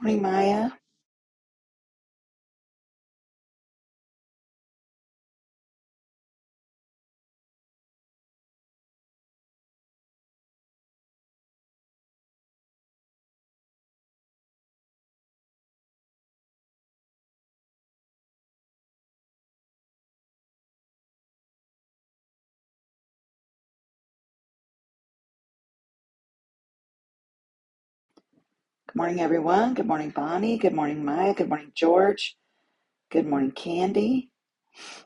Morning, Maya. Good morning, everyone. Good morning, Bonnie. Good morning, Maya. Good morning, George. Good morning, Candy.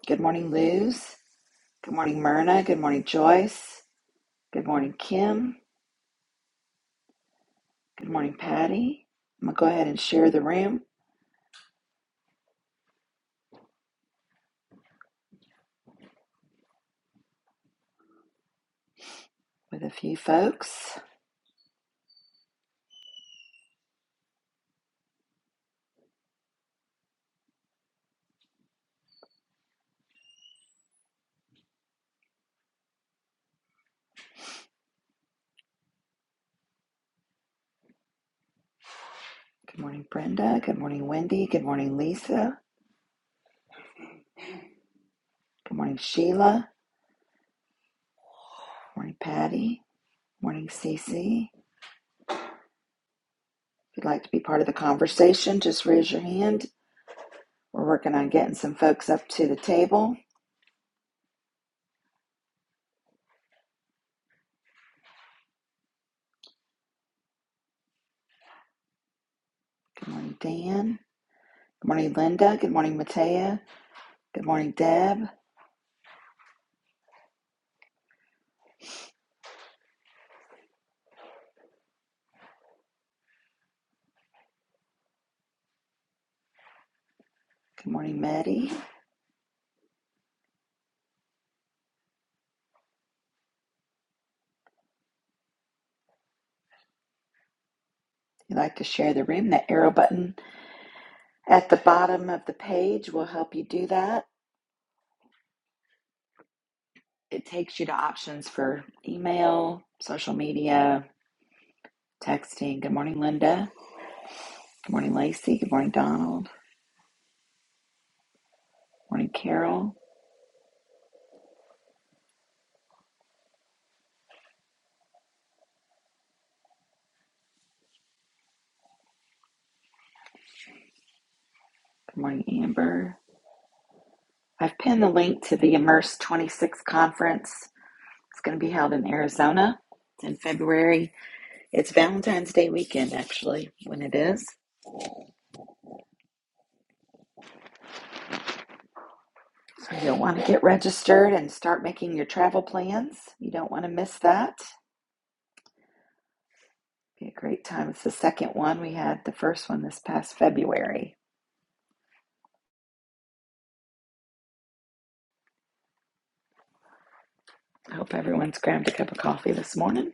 Good morning, Luz. Good morning, Myrna. Good morning, Joyce. Good morning, Kim. Good morning, Patty. I'm going to go ahead and share the room with a few folks. Good morning, Brenda. Good morning, Wendy. Good morning, Lisa. Good morning, Sheila. Good morning, Patty. Good morning, Cece. If you'd like to be part of the conversation, just raise your hand. We're working on getting some folks up to the table. Good morning, Dan. Good morning, Linda. Good morning, Matea. Good morning, Deb. Good morning, Maddie. If you'd like to share the room, that arrow button at the bottom of the page will help you do that. It takes you to options for email, social media, texting. Good morning, Linda. Good morning, Lacey. Good morning, Donald. Good morning, Carol. Good morning, Amber. I've pinned the link to the Immerse 26 conference. It's going to be held in Arizona in February. It's Valentine's Day weekend, actually, when it is. So you'll want to get registered and start making your travel plans. You don't want to miss that. It'll Be a great time. It's the second one. We had the first one this past February. I hope everyone's grabbed a cup of coffee this morning.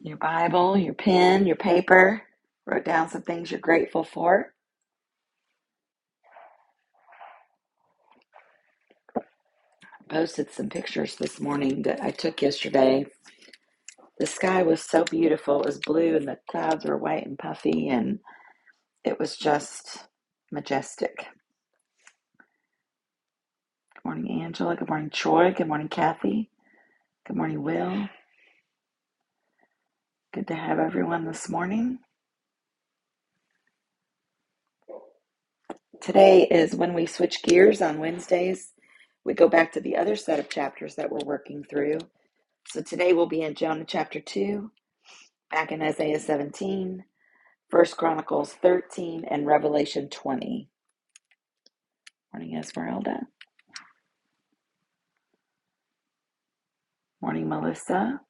Your Bible, your pen, your paper. Wrote down some things you're grateful for. I posted some pictures this morning that I took yesterday. The sky was so beautiful. It was blue and the clouds were white and puffy and it was just majestic. Good morning, Angela. Good morning, Troy. Good morning, Kathy. Good morning, Will. Good to have everyone this morning. Today is when we switch gears on Wednesdays. We go back to the other set of chapters that we're working through. So today we'll be in Jonah chapter 2, back in Isaiah 17, First Chronicles 13, and Revelation 20. Morning, Esmeralda. Morning, Melissa.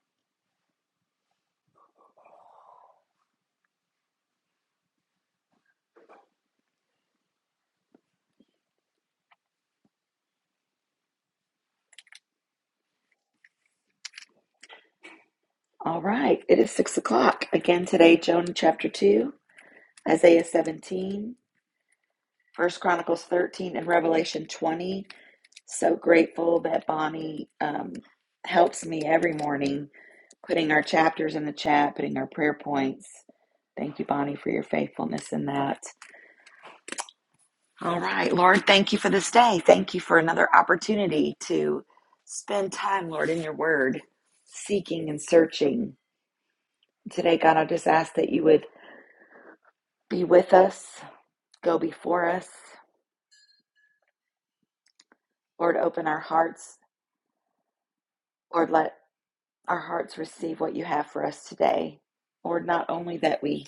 All right, it is 6 o'clock. Again today, Jonah chapter 2, Isaiah 17, First Chronicles 13, and Revelation 20. So grateful that Bonnie um, helps me every morning, putting our chapters in the chat, putting our prayer points. Thank you, Bonnie, for your faithfulness in that. All right, Lord, thank you for this day. Thank you for another opportunity to spend time, Lord, in your word, seeking and searching. Today, God, I just ask that you would be with us, go before us. Lord, open our hearts. Lord, let our hearts receive what you have for us today. Lord, not only that we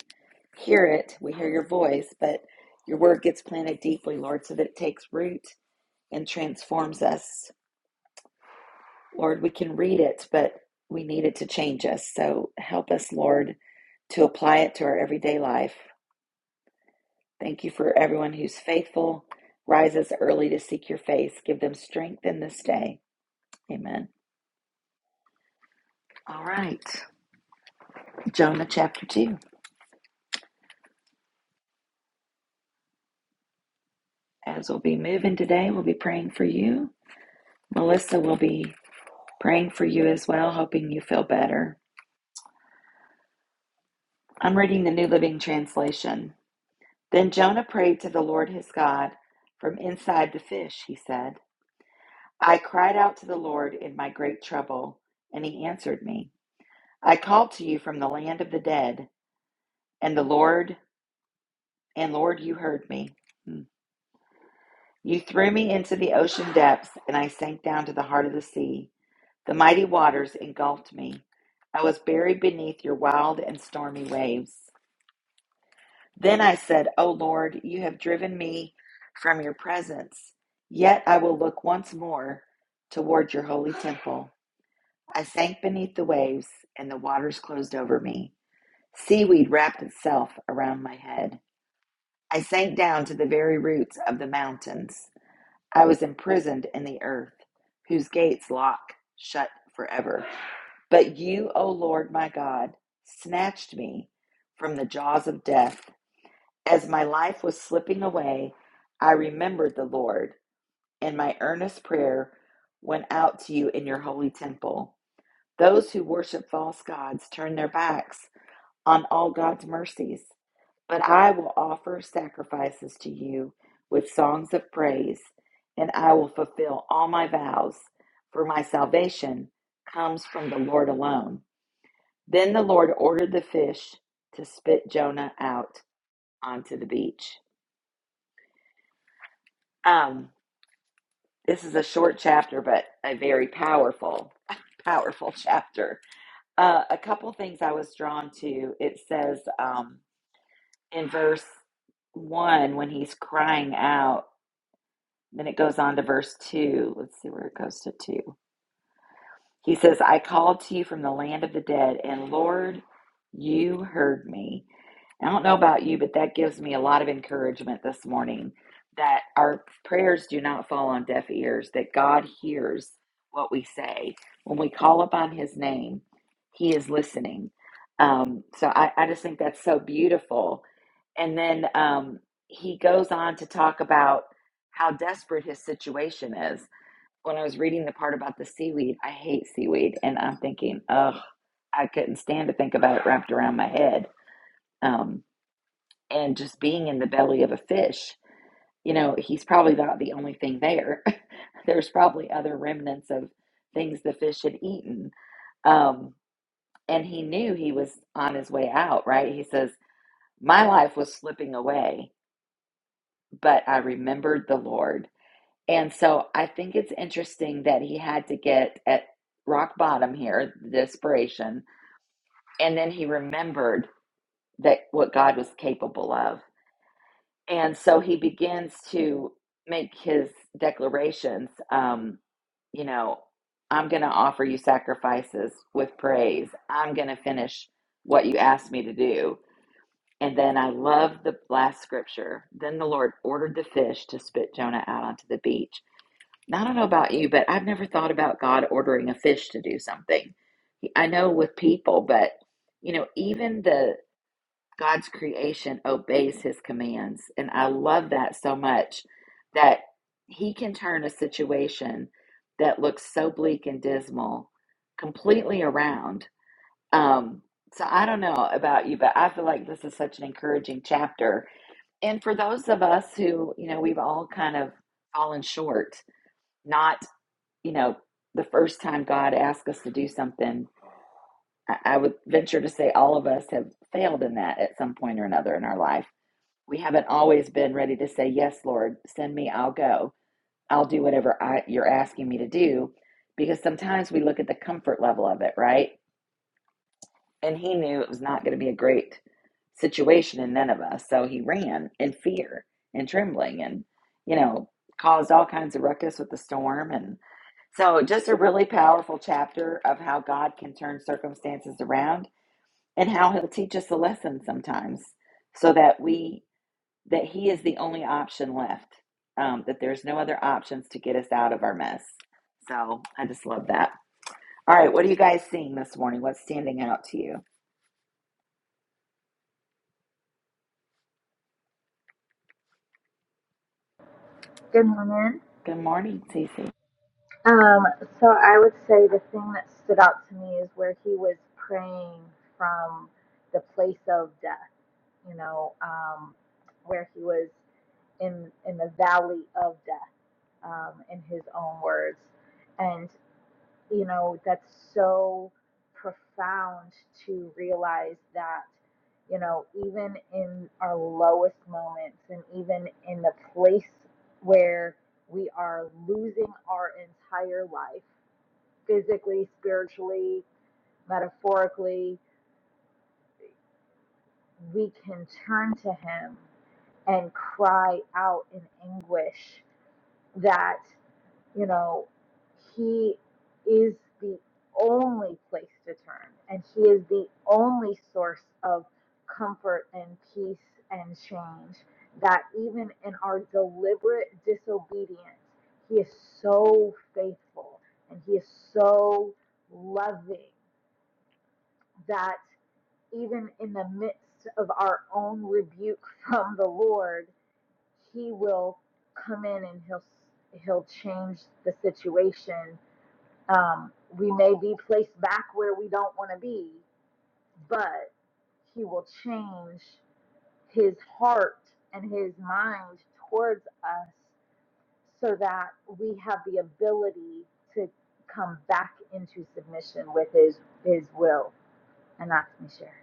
hear it, we hear your voice, but your word gets planted deeply, Lord, so that it takes root and transforms us. Lord, we can read it, but we need it to change us. So help us, Lord, to apply it to our everyday life. Thank you for everyone who's faithful, rises early to seek your face. Give them strength in this day. Amen. All right, Jonah chapter 2. As we'll be moving today, we'll be praying for you. Melissa will be praying for you as well, hoping you feel better. I'm reading the New Living Translation. Then Jonah prayed to the Lord his God from inside the fish, he said. I cried out to the Lord in my great trouble, and he answered me. I called to you from the land of the dead, and the Lord, and Lord, you heard me. Hmm. You threw me into the ocean depths, and I sank down to the heart of the sea. The mighty waters engulfed me. I was buried beneath your wild and stormy waves. Then I said, O Lord, you have driven me from your presence, yet I will look once more toward your holy temple. I sank beneath the waves, and the waters closed over me. Seaweed wrapped itself around my head. I sank down to the very roots of the mountains. I was imprisoned in the earth, whose gates lock shut forever. But you, O Lord my God, snatched me from the jaws of death. As my life was slipping away, I remembered the Lord, and my earnest prayer went out to you in your holy temple. Those who worship false gods turn their backs on all God's mercies. But I will offer sacrifices to you with songs of praise, and I will fulfill all my vows, for my salvation comes from the Lord alone. Then the Lord ordered the fish to spit Jonah out onto the beach. Um, This is a short chapter, but a very powerful, powerful chapter. Uh, a couple things I was drawn to. It says um, in verse one when he's crying out, then it goes on to verse two. Let's see where it goes to two. He says, I called to you from the land of the dead, and Lord, you heard me. And I don't know about you, but that gives me a lot of encouragement this morning that our prayers do not fall on deaf ears, that God hears what we say. When we call upon his name, he is listening. Um, so I, I just think that's so beautiful. And then um, he goes on to talk about how desperate his situation is when I was reading the part about the seaweed, I hate seaweed, and I'm thinking, oh, I couldn't stand to think about it wrapped around my head. Um, and just being in the belly of a fish, you know, he's probably not the only thing there. There's probably other remnants of things the fish had eaten. Um, and he knew he was on his way out, right? He says, My life was slipping away, but I remembered the Lord And so I think it's interesting that he had to get at rock bottom here, the desperation, and then he remembered that what God was capable of. And so he begins to make his declarations, um, you know, I'm going to offer you sacrifices with praise. I'm going to finish what you asked me to do. And then I love the last scripture. Then the Lord ordered the fish to spit Jonah out onto the beach Now, I don't know about you, but I've never thought about God ordering a fish to do something. I know with people, but you know, even the God's creation obeys his commands. And I love that so much that he can turn a situation that looks so bleak and dismal completely around. Um, so I don't know about you, but I feel like this is such an encouraging chapter. And for those of us who, you know, we've all kind of fallen short, not you know, the first time God asks us to do something, I, I would venture to say all of us have failed in that at some point or another in our life. We haven't always been ready to say, Yes, Lord, send me, I'll go. I'll do whatever I, you're asking me to do. Because sometimes we look at the comfort level of it, right? And he knew it was not going to be a great situation in Nineveh, So he ran in fear and trembling and, you know, caused all kinds of ruckus with the storm. and. So, just a really powerful chapter of how God can turn circumstances around and how he'll teach us a lesson sometimes so that we that he is the only option left. Um, that there's no other options to get us out of our mess. So, I just love that. All right, what are you guys seeing this morning? What's standing out to you? Good morning. Good morning, Cece. Um, so I would say the thing that stood out to me is where he was praying from the place of death, you know, um, where he was in in the valley of death, um, in his own words. and. you know that's so profound to realize that you know even in our lowest moments and even in the place where we are losing our entire life physically spiritually metaphorically we can turn to him and cry out in anguish that you know, He is the only place to turn, and He is the only source of comfort and peace and change. That even in our deliberate disobedience, He is so faithful and He is so loving that even in the midst of our own rebuke from the Lord, He will come in and He'll He'll change the situation um, we may be placed back where we don't want to be, but He will change His heart and His mind towards us so that we have the ability to come back into submission with His His will. And that's me share.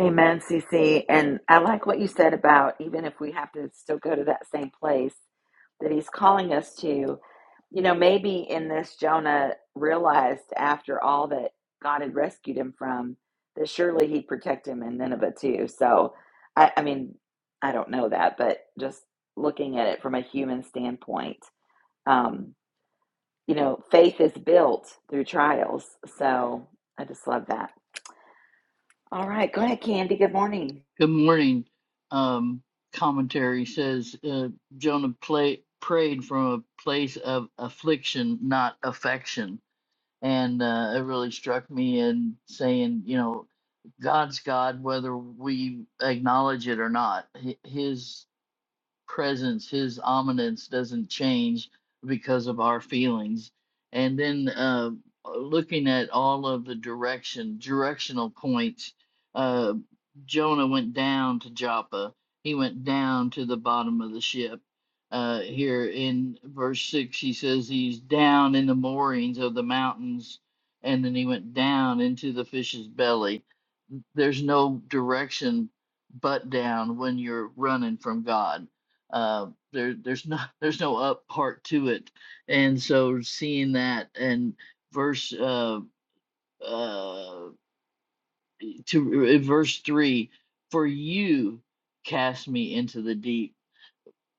Amen, CC. And I like what you said about even if we have to still go to that same place that he's calling us to, you know, maybe in this, Jonah realized after all that God had rescued him from that surely he'd protect him in Nineveh too. So, I, I mean, I don't know that, but just looking at it from a human standpoint, um, you know, faith is built through trials. So I just love that. All right, go ahead, Candy. Good morning. Good morning. Um, commentary says uh, Jonah play, prayed from a place of affliction, not affection. And uh, it really struck me in saying, you know, God's God, whether we acknowledge it or not. Hi- His presence, his ominence doesn't change because of our feelings. And then uh, looking at all of the direction, directional points, uh, Jonah went down to Joppa. He went down to the bottom of the ship. Uh, here in verse 6, he says he's down in the moorings of the mountains, and then he went down into the fish's belly there's no direction but down when you're running from God uh, there there's not there's no up part to it and so seeing that and verse uh uh to uh, verse 3 for you cast me into the deep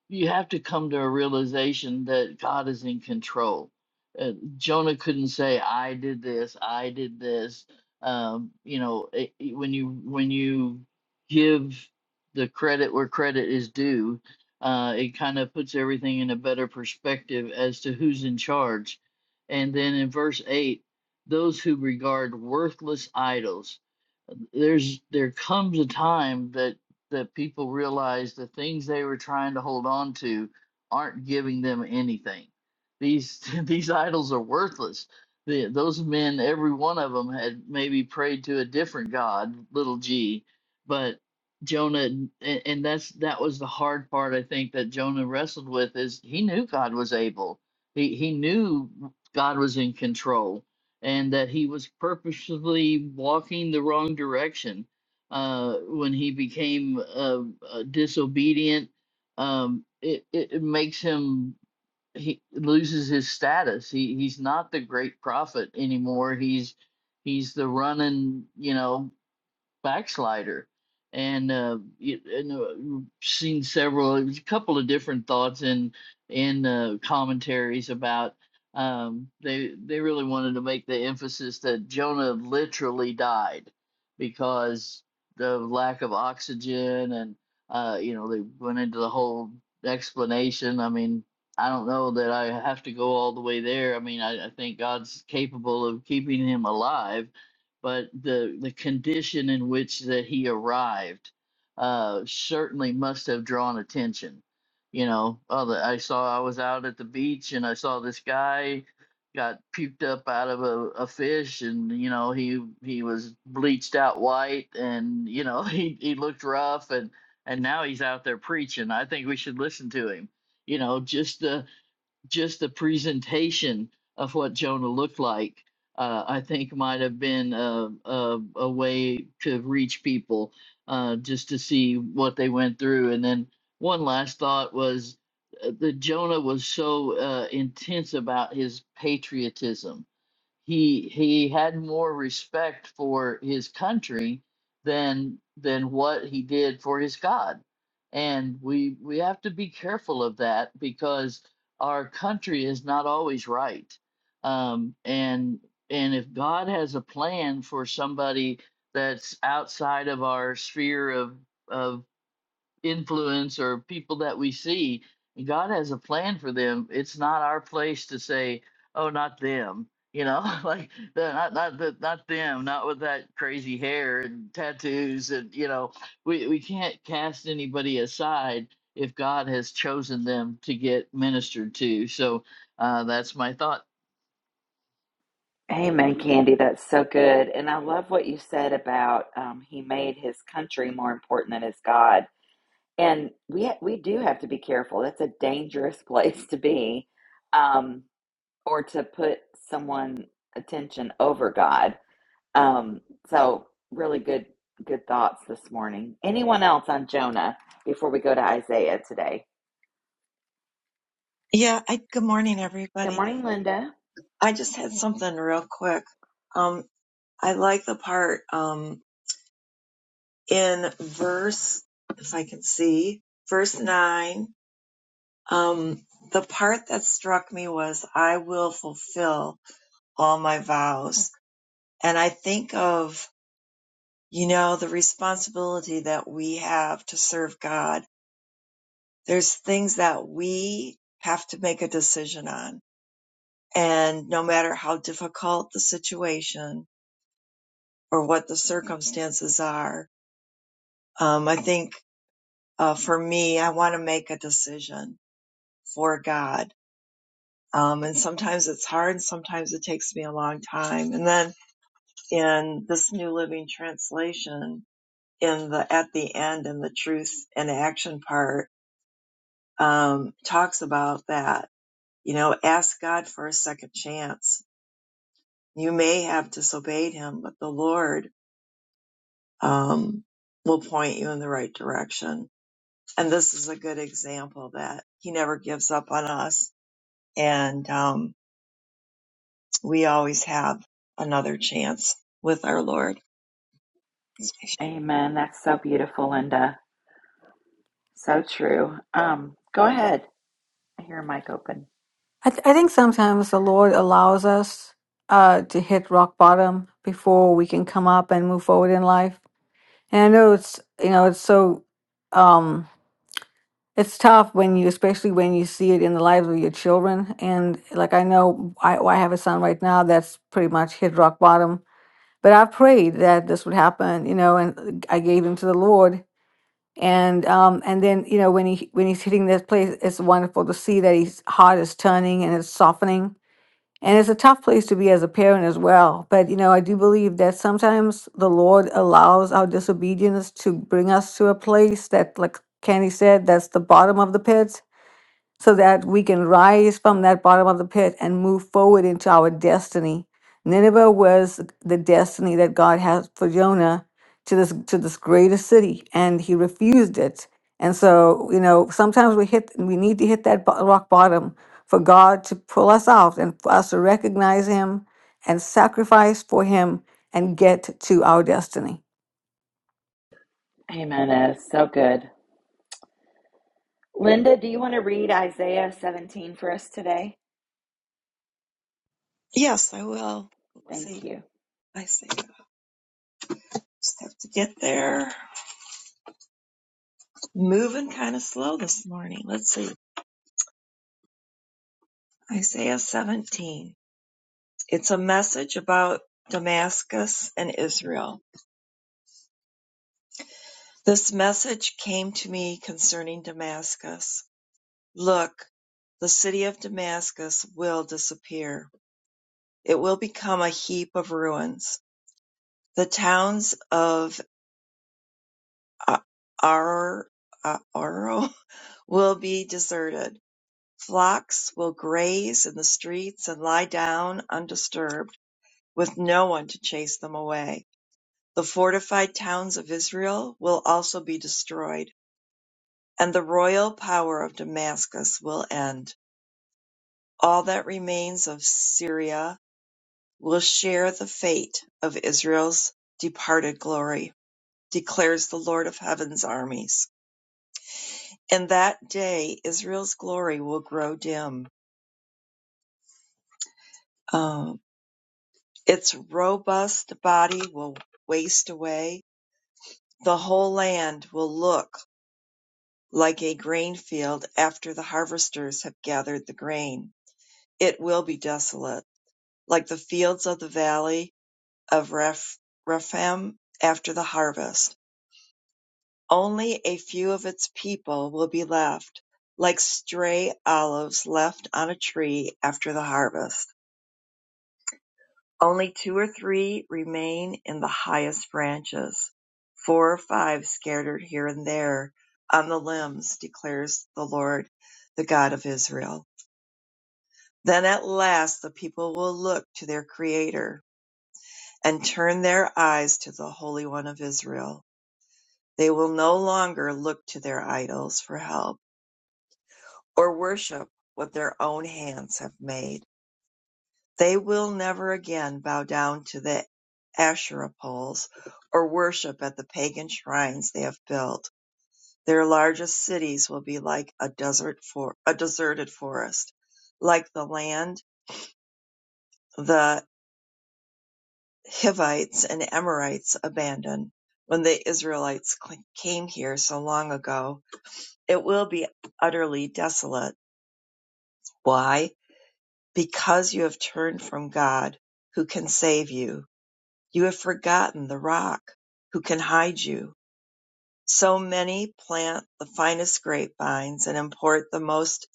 you have to come to a realization that God is in control. Uh, Jonah couldn't say, "I did this, I did this." Um, you know, it, it- when you when you give the credit where credit is due, uh, it kind of puts everything in a better perspective as to who's in charge. And then in verse eight, those who regard worthless idols there's there comes a time that that people realize the things they were trying to hold on to aren't giving them anything. These these idols are worthless. The, those men, every one of them, had maybe prayed to a different god, little g, but Jonah, and, and that's that was the hard part. I think that Jonah wrestled with is he knew God was able. He he knew God was in control and that he was purposely walking the wrong direction uh, when he became uh, uh, disobedient. Um, it, it it makes him he loses his status. He he's not the great prophet anymore. He's he's the running you know backslider and uh you, and uh, we've seen several a couple of different thoughts in in uh, commentaries about um they they really wanted to make the emphasis that Jonah literally died because the lack of oxygen and uh you know they went into the whole explanation I mean I don't know that I have to go all the way there I mean I, I think God's capable of keeping him alive but the the condition in which that he arrived uh, certainly must have drawn attention. You know, other I saw I was out at the beach and I saw this guy got puked up out of a, a fish and you know he he was bleached out white and you know he, he looked rough and and now he's out there preaching. I think we should listen to him. You know, just the just the presentation of what Jonah looked like, uh, I think might have been a, a, a way to reach people uh, just to see what they went through. And then one last thought was uh, that Jonah was so uh, intense about his patriotism he he had more respect for his country than than what he did for his God. And we we have to be careful of that because our country is not always right. Um, and and if God has a plan for somebody that's outside of our sphere of of influence or people that we see, God has a plan for them. It's not our place to say, "Oh, not them," you know, like the- not not the, not them, not with that crazy hair and tattoos, and you know, we we can't cast anybody aside if God has chosen them to get ministered to. So uh, that's my thought. Amen, Candy. That's so good. And I love what you said about um, he made his country more important than his God. And we ha- we do have to be careful. That's a dangerous place to be, um, or to put someone attention over God. Um, so really good good thoughts this morning. Anyone else on Jonah before we go to Isaiah today? Yeah, I, good morning, Good everybody. morning, Linda. I just had something real quick. Um, I like the part um, in verse, if I can see, verse 9. Um, the part that struck me was, I will fulfill all my vows. And I think of, you know, the responsibility that we have to serve God. There's things that we have to make a decision on. And no matter how difficult the situation, or what the circumstances are. Um, I think uh, for me, I want to make a decision for God. Um, and sometimes it's hard. Sometimes it takes me a long time. And then in this New Living Translation, in the at the end in the truth and action part, um, talks about that. You know, ask God for a second chance. You may have disobeyed Him, but the Lord um, will point you in the right direction And this is a good example that he never gives up on us. And um, we always have another chance with our Lord. Amen. That's so beautiful, Linda. So true. Um, go ahead. I hear a mic open. I, th- I think sometimes the Lord allows us uh, to hit rock bottom before we can come up and move forward in life. And I know it's you know it's so um, it's tough when you especially when you see it in the lives of your children. And like I know I, I have a son right now that's pretty much hit rock bottom. But I prayed that this would happen, you know, and I gave him to the Lord. And um, and then you know when he when he's hitting this place, it's wonderful to see that his heart is turning and it's softening and it's a tough place to be as a parent as well. But, you know, I do believe that sometimes the Lord allows our disobedience to bring us to a place that, like Candy said, that's the bottom of the pit so that we can rise from that bottom of the pit and move forward into our destiny. Nineveh was the destiny that God has for Jonah to this to this greater city, and he refused it. And so, you know, sometimes we hit we need to hit that bo- rock bottom for God to pull us out and for us to recognize Him and sacrifice for Him and get to our destiny. Amen. That is so good. Linda, do you want to read Isaiah 17 for us today? Yes, I will. Let's see. Thank you. I say just have to get there. Moving kind of slow this morning. Let's see. Isaiah 17. It's a message about Damascus and Israel. This message came to me concerning Damascus. Look, the city of Damascus will disappear It will become a heap of ruins. The towns of A- Ar- Aro will be deserted. Flocks will graze in the streets and lie down undisturbed, with no one to chase them away. The fortified towns of Israel will also be destroyed, and the royal power of Damascus will end. All that remains of Syria will share the fate of Israel's departed glory. declares the Lord of heaven's armies. In that day, Israel's glory will grow dim. Um, its robust body will waste away. The whole land will look like a grain field after the harvesters have gathered the grain. It will be desolate, like the fields of the valley of Reph- Rephaim after the harvest Only a few of its people will be left, like stray olives left on a tree after the harvest. Only two or three remain in the highest branches, four or five scattered here and there on the limbs, declares the Lord, the God of Israel. Then at last the people will look to their Creator and turn their eyes to the Holy One of Israel. They will no longer look to their idols for help or worship what their own hands have made. They will never again bow down to the Asherah poles or worship at the pagan shrines they have built. Their largest cities will be like a desert for a deserted forest, like the land the Hivites and Amorites abandoned when the Israelites came here so long ago. It will be utterly desolate. Why? Because you have turned from God, who can save you, you have forgotten the rock, who can hide you. So many plant the finest grapevines and import the most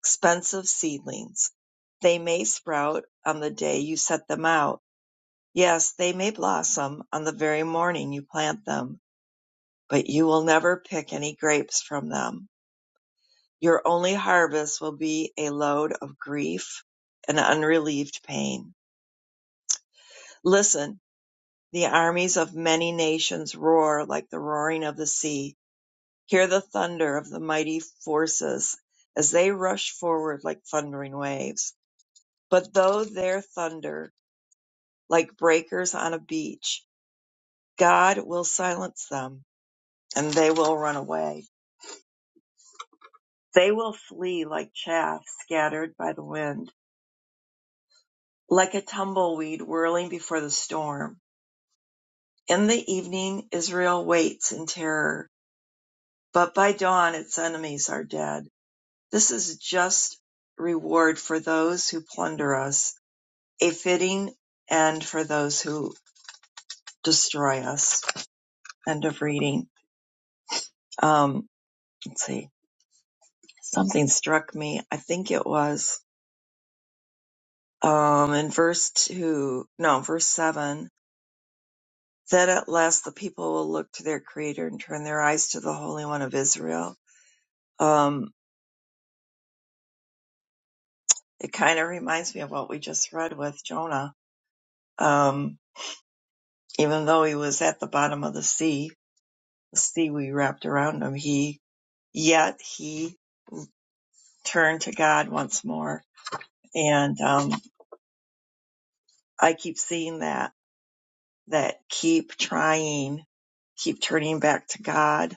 expensive seedlings. They may sprout on the day you set them out. Yes, they may blossom on the very morning you plant them, but you will never pick any grapes from them. Your only harvest will be a load of grief and unrelieved pain. Listen, The armies of many nations roar like the roaring of the sea. Hear the thunder of the mighty forces as they rush forward like thundering waves. But though their thunder like breakers on a beach, God will silence them and they will run away. They will flee like chaff scattered by the wind, like a tumbleweed whirling before the storm. In the evening, Israel waits in terror, but by dawn its enemies are dead. This is a just reward for those who plunder us, a fitting end for those who destroy us. End of reading. Um, let's see. Something struck me. I think it was um, in verse two, no, verse seven. That at last the people will look to their Creator and turn their eyes to the Holy One of Israel. Um, it kind of reminds me of what we just read with Jonah. Um, even though he was at the bottom of the sea, the seaweed wrapped around him, he yet he turned to God once more. And um, I keep seeing that that keep trying, keep turning back to God,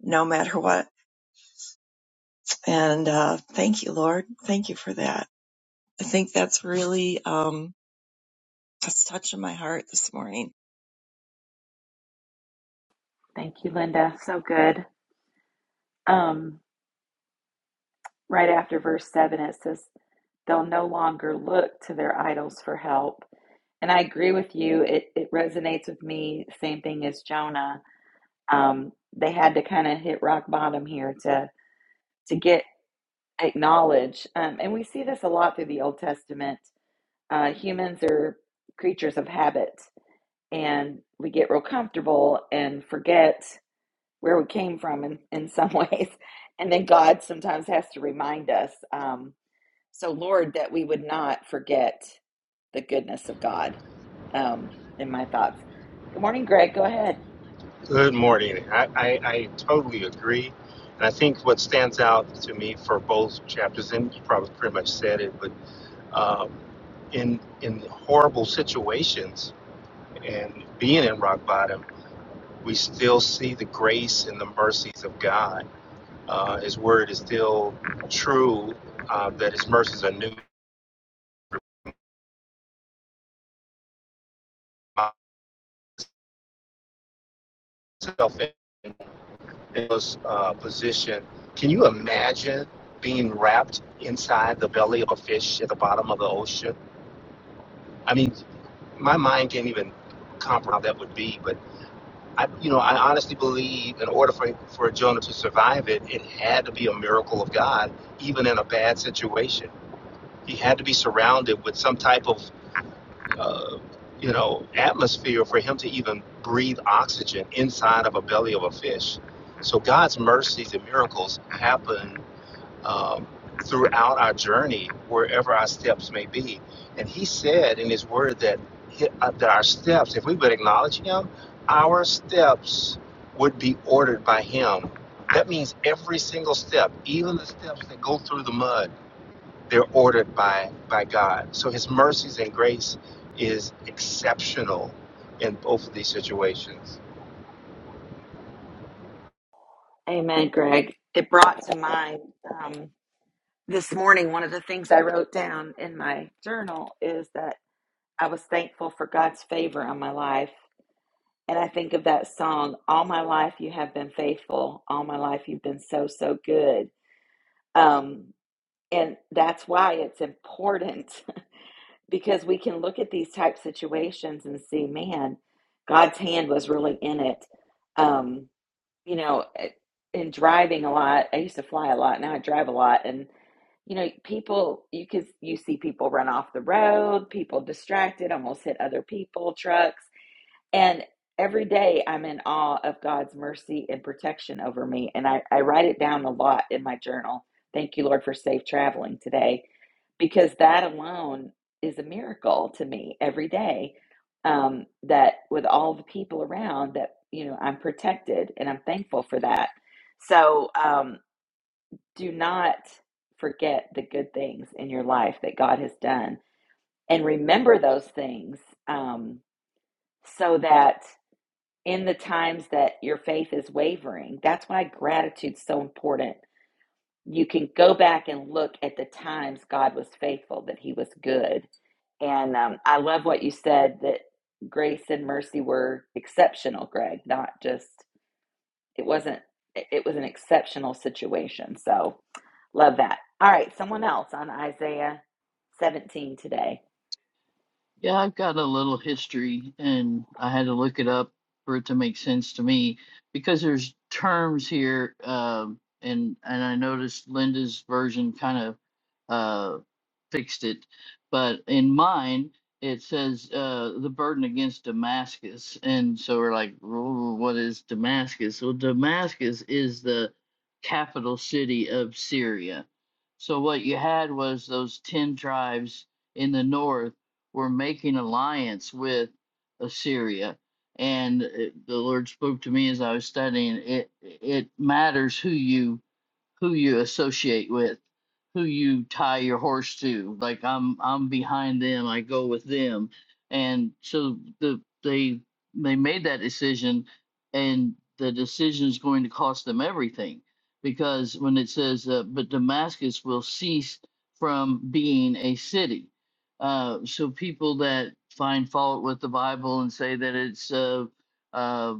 no matter what. And uh, thank you, Lord, thank you for that. I think that's really um, that's touching my heart this morning Thank you, Linda. So good. Um, right after verse 7, it says, They'll no longer look to their idols for help. And I agree with you. It, it resonates with me. Same thing as Jonah. Um, they had to kind of hit rock bottom here to, to get acknowledged. Um, and we see this a lot through the Old Testament. Uh, humans are creatures of habit and we get real comfortable and forget where we came from in, in some ways. And then God sometimes has to remind us. Um, so, Lord, that we would not forget the goodness of God um, in my thoughts. Good morning, Greg. Go ahead. Good morning. I, I, I totally agree. And I think what stands out to me for both chapters, and you probably pretty much said it, but um, in, in horrible situations and being in rock bottom, we still see the grace and the mercies of God. Uh, his word is still true uh, that his mercies are new. Myself in this uh, position, can you imagine being wrapped inside the belly of a fish at the bottom of the ocean? I mean, my mind can't even comprehend how that would be. But I, you know, I honestly believe in order for for Jonah to survive it, it had to be a miracle of God, even in a bad situation. He had to be surrounded with some type of, uh, you know, atmosphere for him to even breathe oxygen inside of a belly of a fish. So God's mercies and miracles happen um, throughout our journey, wherever our steps may be. And He said in His Word that hi- uh, that our steps, if we would acknowledge Him, our steps would be ordered by Him. That means every single step, even the steps that go through the mud, they're ordered by by God. So His mercies and grace is exceptional in both of these situations. Amen, Greg. It brought to mind um, this morning one of the things I wrote down in my journal is that I was thankful for God's favor on my life And I think of that song, All My Life You Have Been Faithful. All My Life You've Been So, So Good. Um, and that's why it's important because we can look at these type situations and see, man, God's hand was really in it. Um, you know, eh, in driving a lot, I used to fly a lot. Now I drive a lot. And, you know, people, you, could, you see people run off the road, people distracted, almost hit other people, trucks and every day I'm in awe of God's mercy and protection over me. And I, I write it down a lot in my journal. Thank you, Lord, for safe traveling today, because that alone is a miracle to me every day. Um, that with all the people around, that, you know, I'm protected and I'm thankful for that. So um, do not forget the good things in your life that God has done and remember those things um, so that in the times that your faith is wavering. That's why gratitude's so important. You can go back and look at the times God was faithful, that He was good. And um, I love what you said that grace and mercy were exceptional, Greg, not just, it wasn't, it it was an exceptional situation. So love that. All right, someone else on Isaiah 17 today. Yeah, I've got a little history and I had to look it up for it to make sense to me because there's terms here um and and I noticed Linda's version kind of uh fixed it, but in mine it says uh the burden against Damascus and so we're like "Whoa, what is Damascus? Well, Damascus is the capital city of Syria. So what you had was those 10 tribes in the north were making alliance with Assyria. And uh, the Lord spoke to me as I was studying it, it matters who you who you associate with, who you tie your horse to. Like I'm I'm behind them, I go with them. And so the they they made that decision and the decision is going to cost them everything because when it says uh, but Damascus will cease from being a city. Uh, so people that find fault with the Bible and say that it's uh, uh,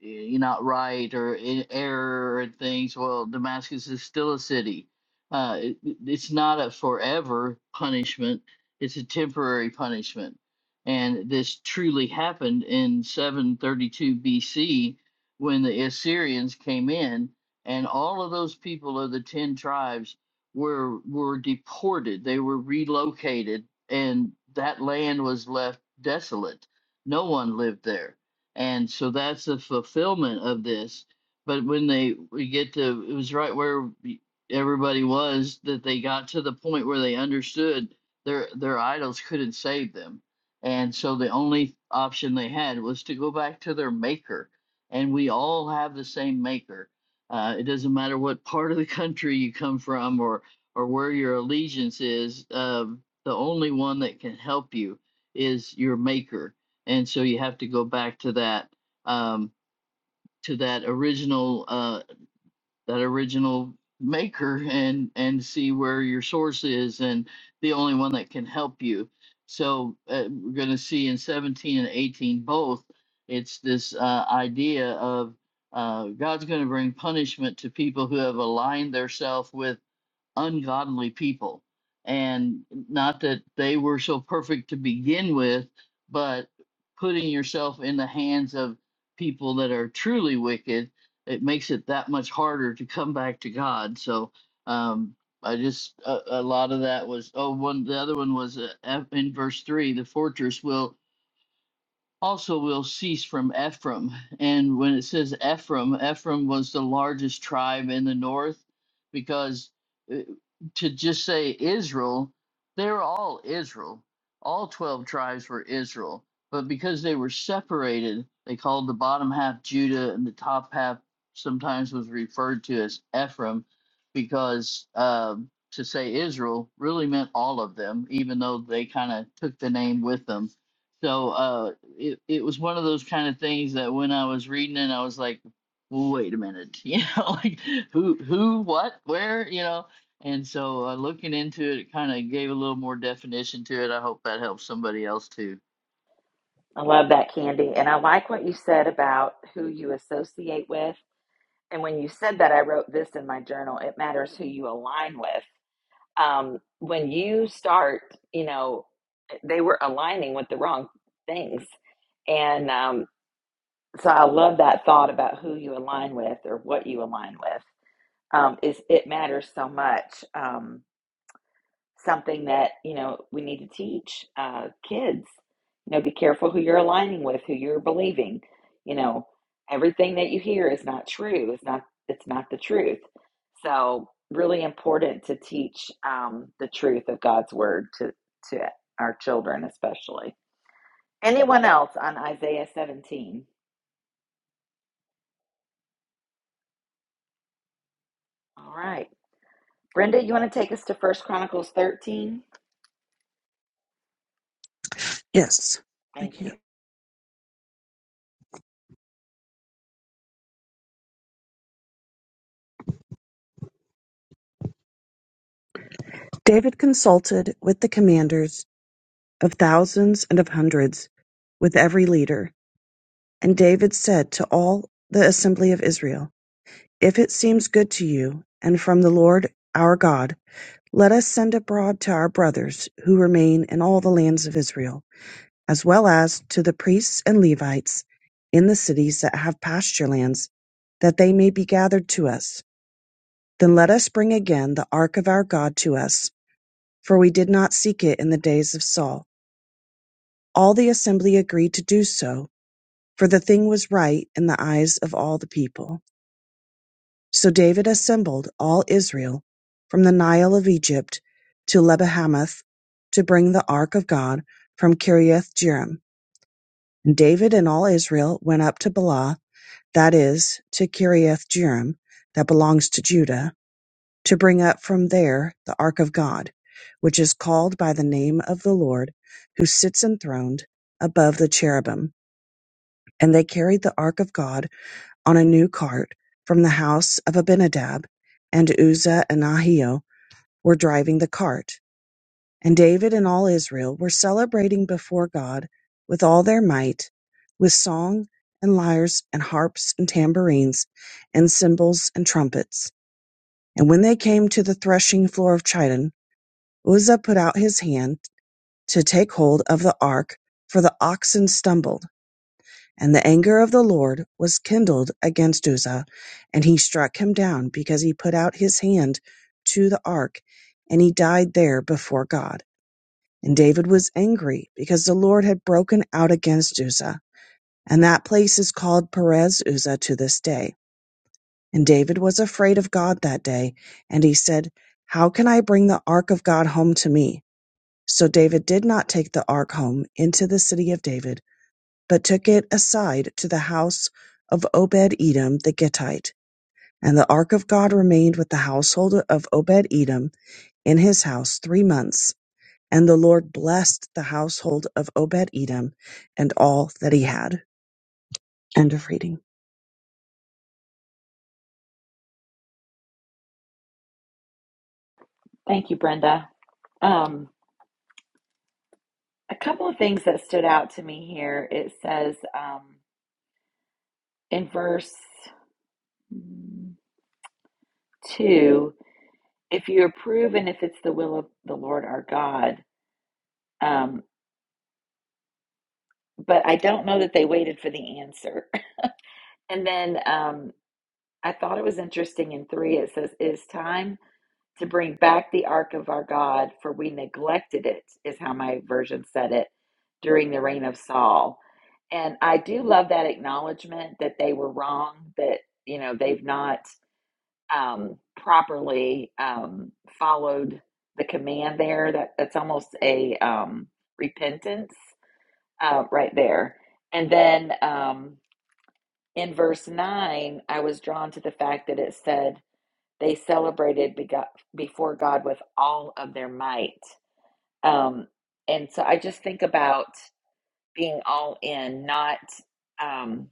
y- you're not right or in error and things well damascus is still a city uh, it, it- it's not a forever punishment it's a temporary punishment and this truly happened in 732 bc when the assyrians came in and all of those people of the 10 tribes were were deported they were relocated and that land was left desolate no one lived there and so that's the fulfillment of this but when they we get to it was right where everybody was that they got to the point where they understood their their idols couldn't save them and so the only option they had was to go back to their maker and we all have the same maker uh, it doesn't matter what part of the country you come from or or where your allegiance is um, the only one that can help you is your maker and so you have to go back to that um, to that original uh, that original maker and and see where your source is and the only one that can help you so uh, we're going to see in 17 and 18 both it's this uh, idea of uh, god's going to bring punishment to people who have aligned themselves with ungodly people. And not that they were so perfect to begin with, but putting yourself in the hands of people that are truly wicked, it makes it that much harder to come back to God. So um, I just, a, a lot of that was, oh, one, the other one was uh, F- in verse three the fortress will also will cease from Ephraim. And when it says Ephraim, Ephraim was the largest tribe in the north because uh, to just say Israel, they're all Israel. All 12 tribes were Israel. But because they were separated, they called the bottom half Judah and the top half sometimes was referred to as Ephraim because um to say Israel really meant all of them, even though they kind of took the name with them. So uh, it it was one of those kind of things that when I was reading it, I was like, "Well, wait a minute, you know, like who who what where you know. And so uh, looking into it, it kind of gave a little more definition to it. I hope that helps somebody else too. I love that, Candy. And I like what you said about who you associate with And when you said that, I wrote this in my journal it matters who you align with. Um, when you start, you know, they were aligning with the wrong things. And um, so I love that thought about who you align with or what you align with. Um, is it matters so much. Um, something that you know we need to teach uh, kids you know be careful who you're aligning with who you're believing you know everything that you hear is not true it's not it's not the truth so really important to teach um, the truth of god's word to to our children especially anyone else on isaiah 17 all right brenda you want to take us to first chronicles 13 Yes, I thank can. you not David consulted with the commanders of thousands and of hundreds, with every leader. And David said to all the assembly of Israel, If it seems good to you, and from the Lord our God, let us send abroad to our brothers who remain in all the lands of Israel, as well as to the priests and Levites in the cities that have pasture lands, that they may be gathered to us. Then let us bring again the ark of our God to us for we did not seek it in the days of Saul. All the assembly agreed to do so, for the thing was right in the eyes of all the people. So David assembled all Israel from the Nile of Egypt to Lebahamath to bring the ark of God from Kiriath Jearim. And David and all Israel went up to Bala, that is, to Kiriath Jearim, that belongs to Judah to bring up from there the ark of God, which is called by the name of the Lord, who sits enthroned above the cherubim. And they carried the ark of God on a new cart from the house of Abinadab, and Uzzah and Ahio were driving the cart. And David and all Israel were celebrating before God with all their might, with song and lyres and harps and tambourines and cymbals and trumpets. And when they came to the threshing floor of Chidon, Uzzah put out his hand to take hold of the ark, for the oxen stumbled. And the anger of the Lord was kindled against Uzzah, and he struck him down, because he put out his hand to the ark, and he died there before God. And David was angry, because the Lord had broken out against Uzzah. And that place is called Perez Uzzah to this day. And David was afraid of God that day, and he said, How can I bring the ark of God home to me? So David did not take the ark home into the city of David, but took it aside to the house of Obed Edom the Gittite. And the ark of God remained with the household of Obed Edom in his house three months. And the Lord blessed the household of Obed Edom and all that he had. End of reading. thank you brenda um, A couple of things that stood out to me here. It says um, in verse mm, two, if you approve and if it's the will of the Lord our God. Um, but I don't know that they waited for the answer. And then um, I thought it was interesting in three, it says, It is time to bring back the ark of our God, for we neglected it, is how my version said it during the reign of Saul. And I do love that acknowledgement that they were wrong, that, you know, they've not um, properly um, followed the command there. That That's almost a um, repentance uh, right there. And then um, in verse 9, I was drawn to the fact that it said, they celebrated before God with all of their might. Um, and so I just think about being all in, not um,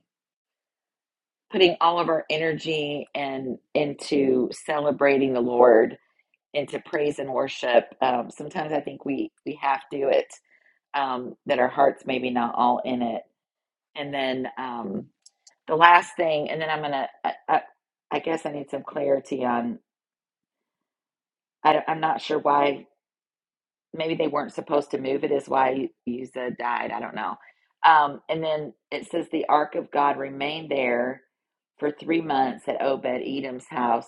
putting all of our energy and into celebrating the Lord, into praise and worship. Um, sometimes I think we we have to do it um, that our hearts maybe not all in it. And then um, the last thing, and then I'm gonna. I, I, guess I need some clarity on. I, I'm not sure why maybe they weren't supposed to move it is why Uzzah died. I don't know. Um, and then it says the ark of God remained there for three months at Obed Edom's house,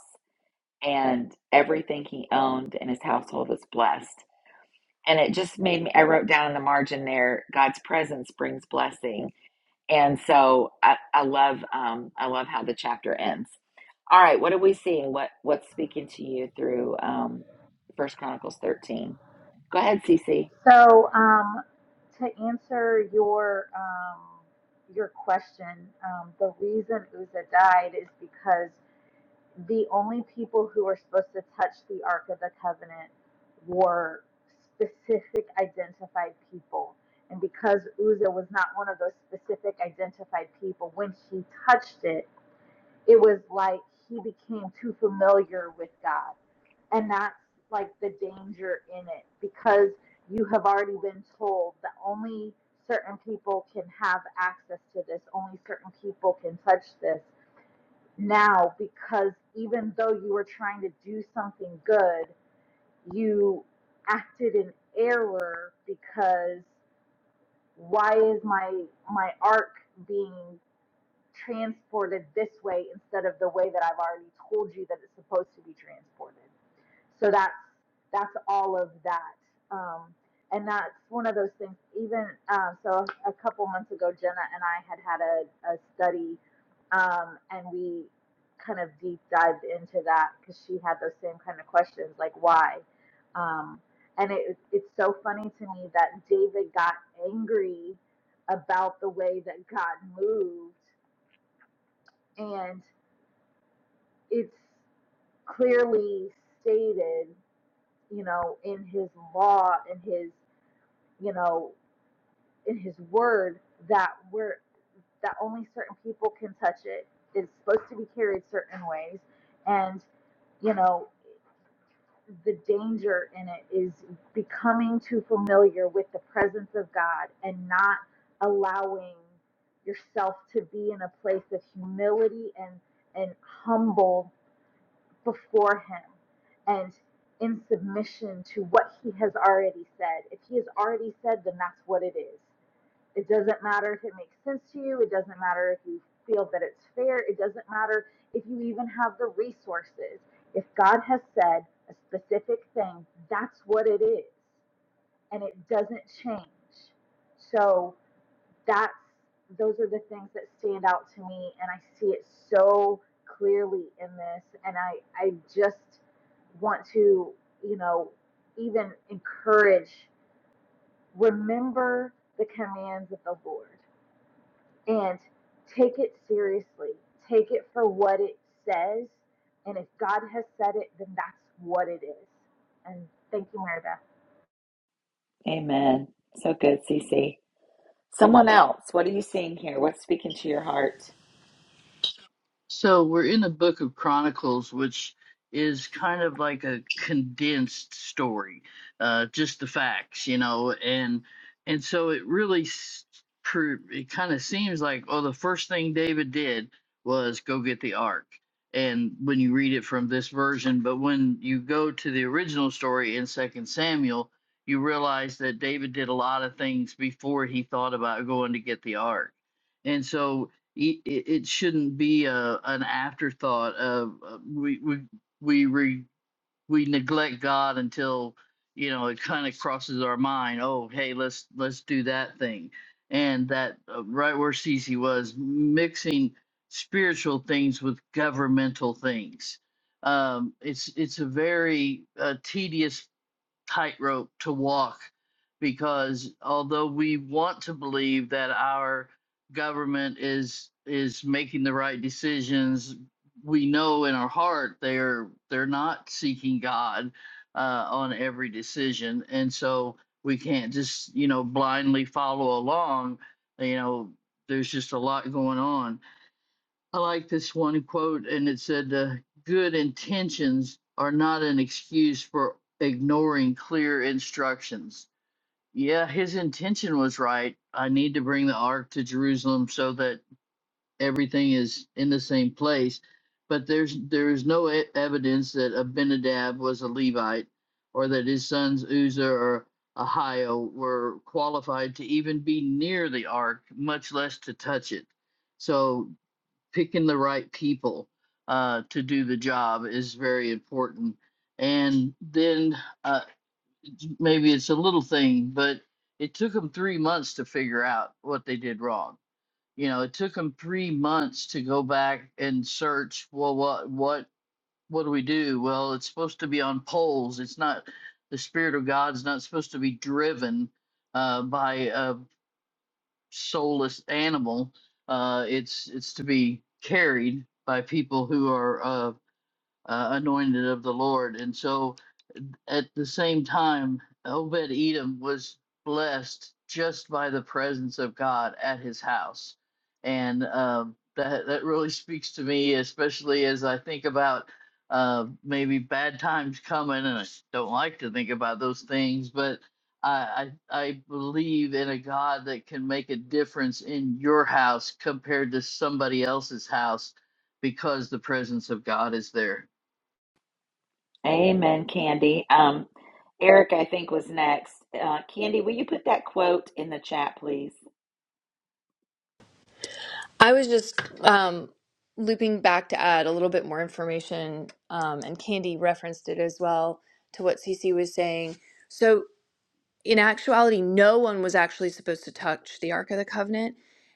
and everything he owned and his household was blessed. And it just made me. I wrote down in the margin there, God's presence brings blessing, and so I, I love, um, I love how the chapter ends. All right, what are we seeing? What what's speaking to you through um, First Chronicles thirteen? Go ahead, Cece. So, um, to answer your um, your question, um, the reason Uzzah died is because the only people who were supposed to touch the Ark of the Covenant were specific identified people. And because Uzzah was not one of those specific identified people, when she touched it, it was like he became too familiar with God. And that's like the danger in it because you have already been told that only certain people can have access to this, only certain people can touch this now because even though you were trying to do something good, you acted in error because why is my my arc being transported this way instead of the way that I've already told you that it's supposed to be transported? So that's that's all of that, um, and that's one of those things. Even um, so, a a couple months ago, Jenna and I had had a, a study, um, and we kind of deep dived into that because she had those same kind of questions, like why. Um, and it, it's so funny to me that David got angry about the way that God moved, and it's clearly stated you know, in his law, in his, you know, in his word that we're that only certain people can touch it. It's supposed to be carried certain ways. And, you know, the danger in it is becoming too familiar with the presence of God and not allowing yourself to be in a place of humility and and humble before Him and in submission to what He has already said. If He has already said, then that's what it is. It doesn't matter if it makes sense to you, it doesn't matter if you feel that it's fair, it doesn't matter if you even have the resources. If God has said a specific thing, that's what it is, and it doesn't change. So, that's those are the things that stand out to me and I see it so clearly in this and I I just want to, you know, even encourage remember the commands of the Lord and take it seriously. Take it for what it says and if God has said it then that's what it is. And thank you Mary Beth. Amen. So good, Cece. Someone else, what are you seeing here? What's speaking to your heart? So we're in the book of Chronicles, which is kind of like a condensed story, uh, just the facts, you know, and and so it really s- pro- it kind of seems like oh, the first thing David did was go get the ark, and when you read it from this version, but when you go to the original story in Second Samuel, you realize that David did a lot of things before he thought about going to get the ark, and so it, it shouldn't be a an afterthought of uh, we we we re, we neglect God until you know it kind of crosses our mind. Oh, hey, let's let's do that thing, and that uh, right where Cece was mixing spiritual things with governmental things. Um, it's it's a very uh, tedious tightrope to walk because although we want to believe that our government is is making the right decisions, we know in our heart they're they're not seeking God uh, on every decision, and so we can't just you know blindly follow along. You know, there's just a lot going on. I like this one quote, and it said, uh, Good intentions are not an excuse for ignoring clear instructions. Yeah, his intention was right. I need to bring the ark to Jerusalem so that everything is in the same place. But there's there is no e- evidence that Abinadab was a Levite, or that his sons Uzzah or Ahio were qualified to even be near the ark, much less to touch it. So picking the right people uh, to do the job is very important. And then uh, maybe it's a little thing, but it took them three months to figure out what they did wrong. You know, it took them three months to go back and search. Well, what what what do we do? Well, it's supposed to be on poles. It's not the spirit of God's not supposed to be driven uh, by a soulless animal. Uh, it's it's to be carried by people who are uh, uh, anointed of the Lord, and so at the same time, Obed Edom was blessed just by the presence of God at his house. And um, that, that really speaks to me, especially as I think about uh, maybe bad times coming. And I don't like to think about those things, but I, I, I believe in a God that can make a difference in your house compared to somebody else's house because the presence of God is there. Amen, Candy. Um, Eric, I think, was next. Uh, Candy, will you put that quote in the chat, please? I was just um, looping back to add a little bit more information, um, and Candy referenced it as well to what CC was saying. So in actuality, no one was actually supposed to touch the Ark of the Covenant.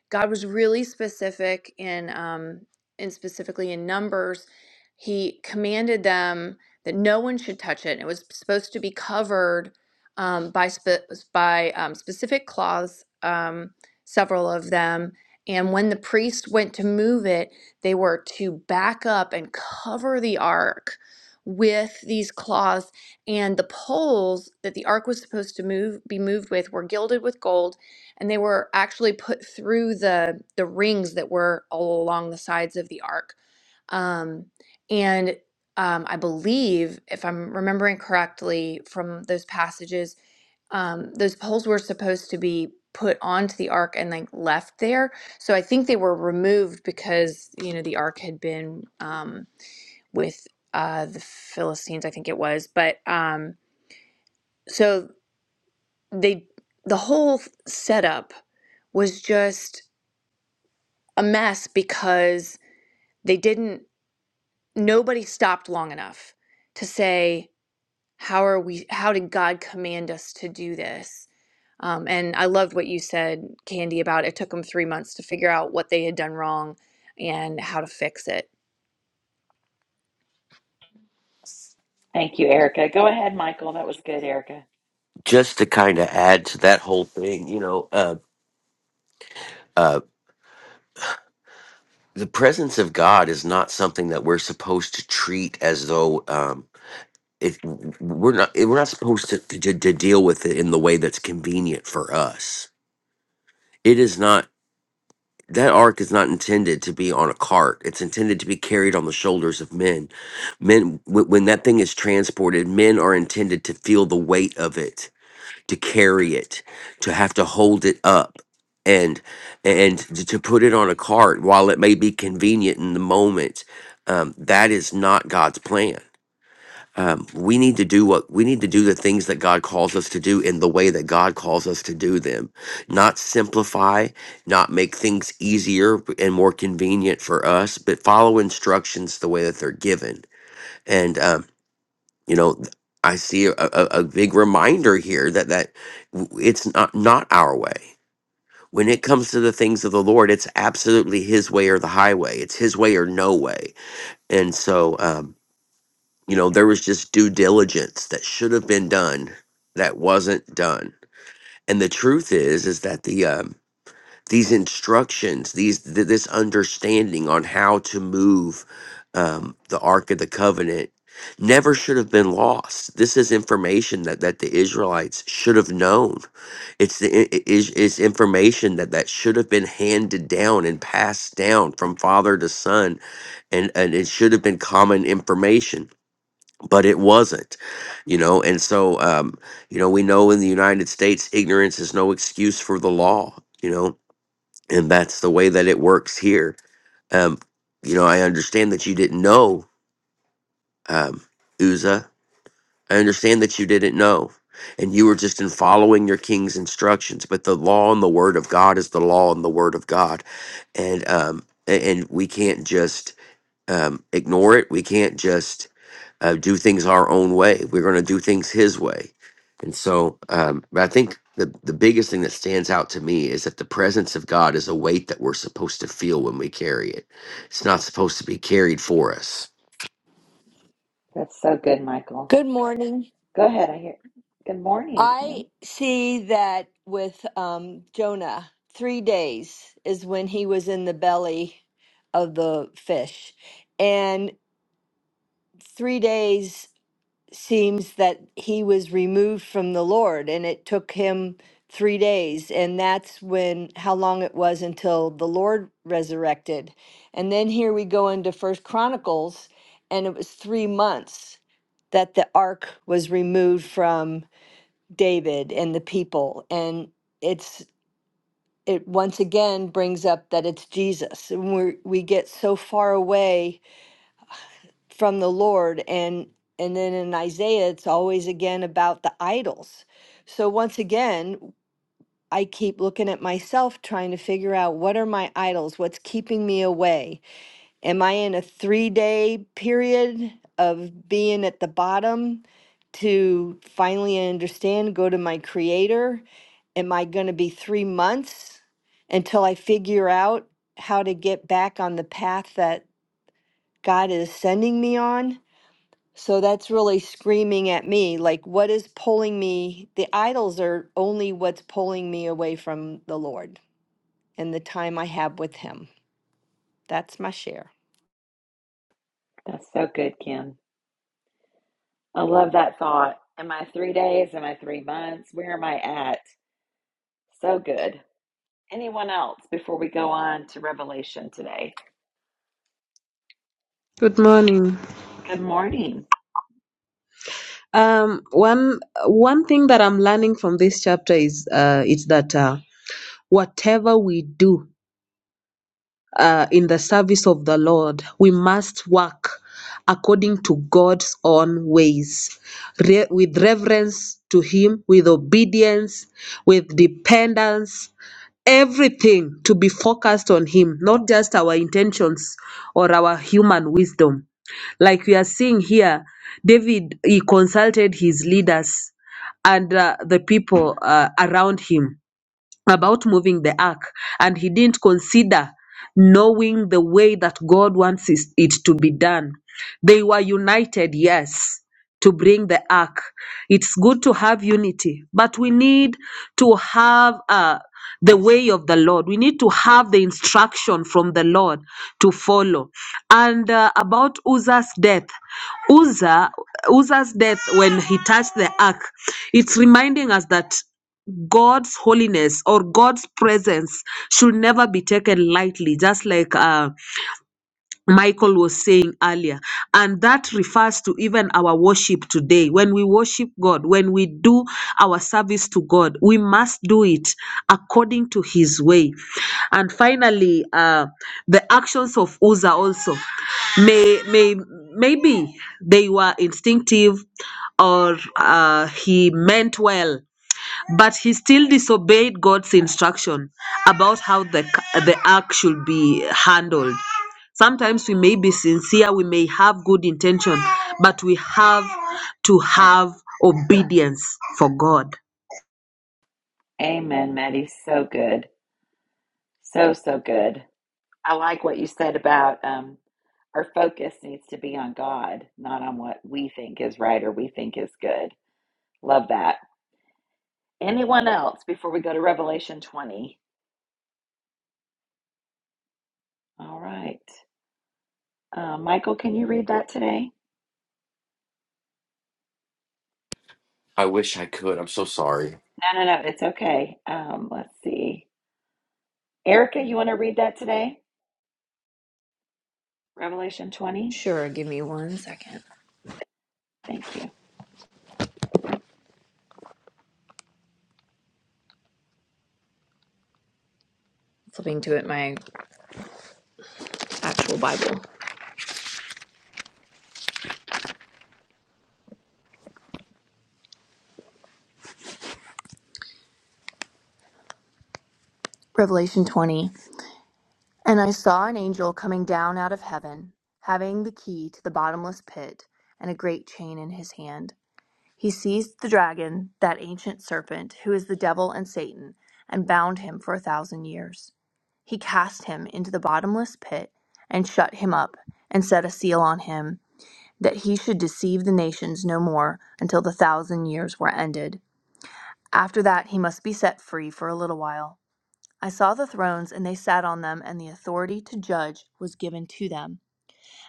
God was really specific in, um, and specifically in Numbers, He commanded them that no one should touch it. It was supposed to be covered um, by spe- by um, specific cloths, um, several of them. And when the priest went to move it, they were to back up and cover the ark with these cloths and the poles that the ark was supposed to move be moved with were gilded with gold and they were actually put through the the rings that were all along the sides of the ark um, and um, i believe if i'm remembering correctly from those passages um, those poles were supposed to be put onto the ark and like left there so i think they were removed because you know the ark had been um, with uh, the Philistines, I think it was. But um, so they, the whole setup was just a mess because they didn't, nobody stopped long enough to say, how are we, how did God command us to do this? Um, and I loved what you said, Candy, about it took them three months to figure out what they had done wrong and how to fix it. Thank you, Erica. Go ahead, Michael. That was good, Erica. just to kind of add to that whole thing, you know, uh, uh, the presence of God is not something that we're supposed to treat as though um, it, we're not eh, we're not supposed to, to to deal with it in the way that's convenient for us. It is not that ark is not intended to be on a cart. It's intended to be carried on the shoulders of men. Men, wh- when that thing is transported, men are intended to feel the weight of it to carry it, to have to hold it up and and to to put it on a cart while it may be convenient in the moment. Um, that is not God's plan. Um, we need to do what we need to do the things that God calls us to do in the way that God calls us to do them, not simplify, not make things easier and more convenient for us, but follow instructions the way that they're given. And um, you know th- i see a, a, a big reminder here that that w- it's not not our way when it comes to the things of the lord it's absolutely his way or the highway it's his way or no way and so um you know there was just due diligence that should have been done that wasn't done and the truth is is that the um these instructions, these th- this understanding on how to move um, the Ark of the Covenant never should have been lost. This is information that that the Israelites should have known. It's the i- i- is it's information that that should have been handed down and passed down from father to son, and and it should have been common information. But it wasn't, you know, and so um, you know we know in the United States, ignorance is no excuse for the law. You know, and that's the way that it works here. Um, you know, I understand that you didn't know, um, Uzzah. I understand that you didn't know, and you were just in following your king's instructions. But the law and the word of God is the law and the word of God, and um, a- and we can't just um, ignore it. We can't just uh, do things our own way. We're going to do things His way. And so, um, but I think the the biggest thing that stands out to me is that the presence of God is a weight that we're supposed to feel when we carry it. It's not supposed to be carried for us. That's so good, Michael. Good morning. Go ahead. I hear. Good morning, I Kim. see that with um, Jonah, three days is when he was in the belly of the fish. And three days seems that he was removed from the Lord, and it took him three days. And that's when how long it was until the Lord resurrected. And then here we go into First Chronicles, and it was three months that the ark was removed from David and the people and it's it once again brings up that it's Jesus and we we get so far away from the Lord and and then in Isaiah it's always again about the idols. So once again I keep looking at myself trying to figure out what are my idols? What's keeping me away? Am I in a three day period of being at the bottom to finally understand, go to my creator? Am I going to be three months until I figure out how to get back on the path that God is sending me on? So that's really screaming at me like, what is pulling me? The idols are only what's pulling me away from the Lord and the time I have with Him. That's my share. That's so good, Kim. I love that thought. Am I three days? Am I three months? Where am I at? So good. Anyone else before we go on to Revelation today? Good morning. Good morning. Um, one one thing that I'm learning from this chapter is uh, it's that uh, whatever we do uh, in the service of the Lord, we must work according to God's own ways, re- with reverence to Him, with obedience, with dependence, everything to be focused on Him, not just our intentions or our human wisdom. Like we are seeing here, David, he consulted his leaders and uh, the people uh, around him about moving the ark and he didn't consider knowing the way that God wants is- it to be done. They were united, yes, to bring the ark. It's good to have unity, but we need to have uh, the way of the Lord. We need to have the instruction from the Lord to follow. And uh, about Uzzah's death, Uzzah, Uzzah's death when he touched the ark, it's reminding us that God's holiness or God's presence should never be taken lightly, just like uh, Michael was saying earlier. And that refers to even our worship today. When we worship God, when we do our service to God, we must do it according to His way. And finally, uh, the actions of Uzzah also may may maybe they were instinctive or uh, he meant well but he still disobeyed God's instruction about how the, the ark should be handled. Sometimes we may be sincere, we may have good intention, but we have to have obedience for God. Amen, Maddie. So good. So, so good. I like what you said about um, our focus needs to be on God, not on what we think is right or we think is good. Love that. Anyone else before we go to Revelation 20? All right. Uh, Michael, can you read that today? I wish I could. I'm so sorry. No, no, no. It's okay. Um, let's see. Erica, you want to read that today? Revelation 20? Sure, give me one second. Thank you. Flipping to it, my actual Bible. Revelation 20. And I saw an angel coming down out of heaven, having the key to the bottomless pit and a great chain in his hand. He seized the dragon, that ancient serpent, who is the devil and Satan, and bound him for a thousand years. He cast him into the bottomless pit and shut him up, and set a seal on him, that he should deceive the nations no more until the thousand years were ended. After that, he must be set free for a little while. I saw the thrones, and they sat on them, and the authority to judge was given to them.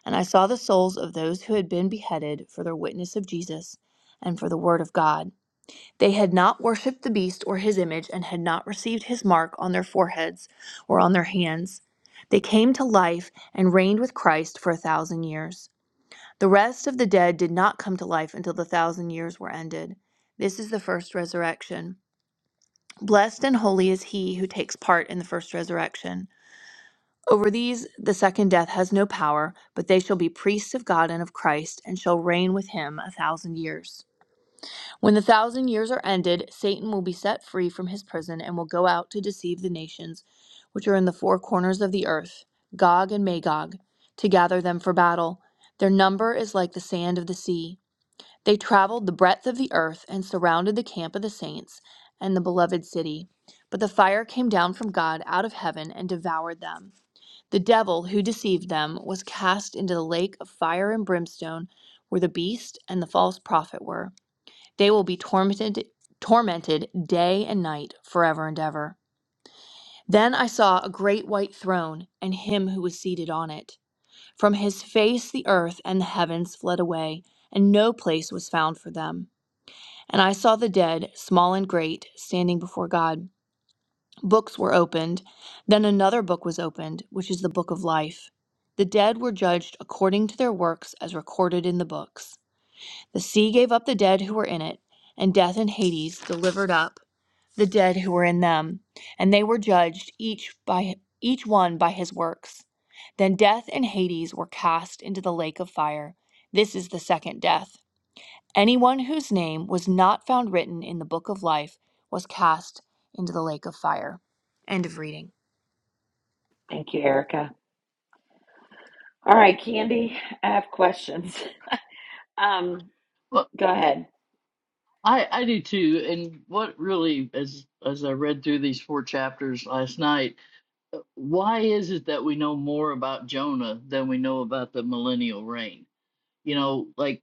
And I saw the souls of those who had been beheaded for their witness of Jesus and for the word of God. They had not worshipped the beast or his image, and had not received his mark on their foreheads or on their hands. They came to life and reigned with Christ for a thousand years. The rest of the dead did not come to life until the thousand years were ended. This is the first resurrection. Blessed and holy is he who takes part in the first resurrection. Over these the second death has no power, but they shall be priests of God and of Christ, and shall reign with him a thousand years. When the thousand years are ended, Satan will be set free from his prison and will go out to deceive the nations which are in the four corners of the earth, Gog and Magog, to gather them for battle. Their number is like the sand of the sea. They traveled the breadth of the earth and surrounded the camp of the saints and the beloved city. But the fire came down from God out of heaven and devoured them. The devil who deceived them was cast into the lake of fire and brimstone, where the beast and the false prophet were. They will be tormented tormented day and night forever and ever. Then I saw a great white throne and him who was seated on it. From his face the earth and the heavens fled away, and no place was found for them. And I saw the dead, small and great, standing before God Books were opened. Then another book was opened, which is the book of life. The dead were judged according to their works as recorded in the books. The sea gave up the dead who were in it, and death and Hades delivered up the dead who were in them, and they were judged each by each one by his works. Then death and Hades were cast into the lake of fire. This is the second death. Anyone whose name was not found written in the book of life was cast into the lake of fire. End of reading. Thank you, Erica. All right, Candy, I have questions. Um, Well, go ahead. I I do too. And what really, as as I read through these four chapters last night, uh, why is it that we know more about Jonah than we know about the millennial reign? You know, like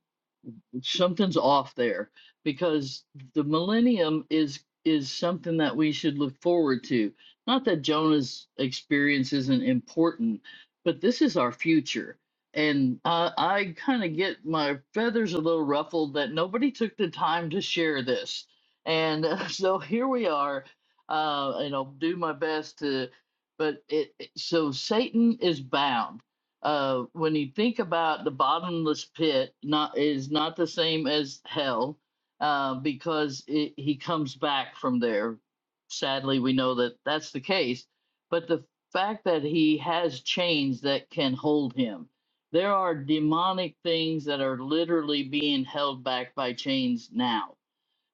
something's off there because the millennium is is something that we should look forward to not that jonah's experience isn't important but this is our future and uh, i kind of get my feathers a little ruffled that nobody took the time to share this and uh, so here we are uh, and i'll do my best to but it it- so satan is bound uh, when you think about the bottomless pit, not is not the same as hell, uh, because it, he comes back from there. Sadly, we know that that's the case. But the fact that he has chains that can hold him, there are demonic things that are literally being held back by chains now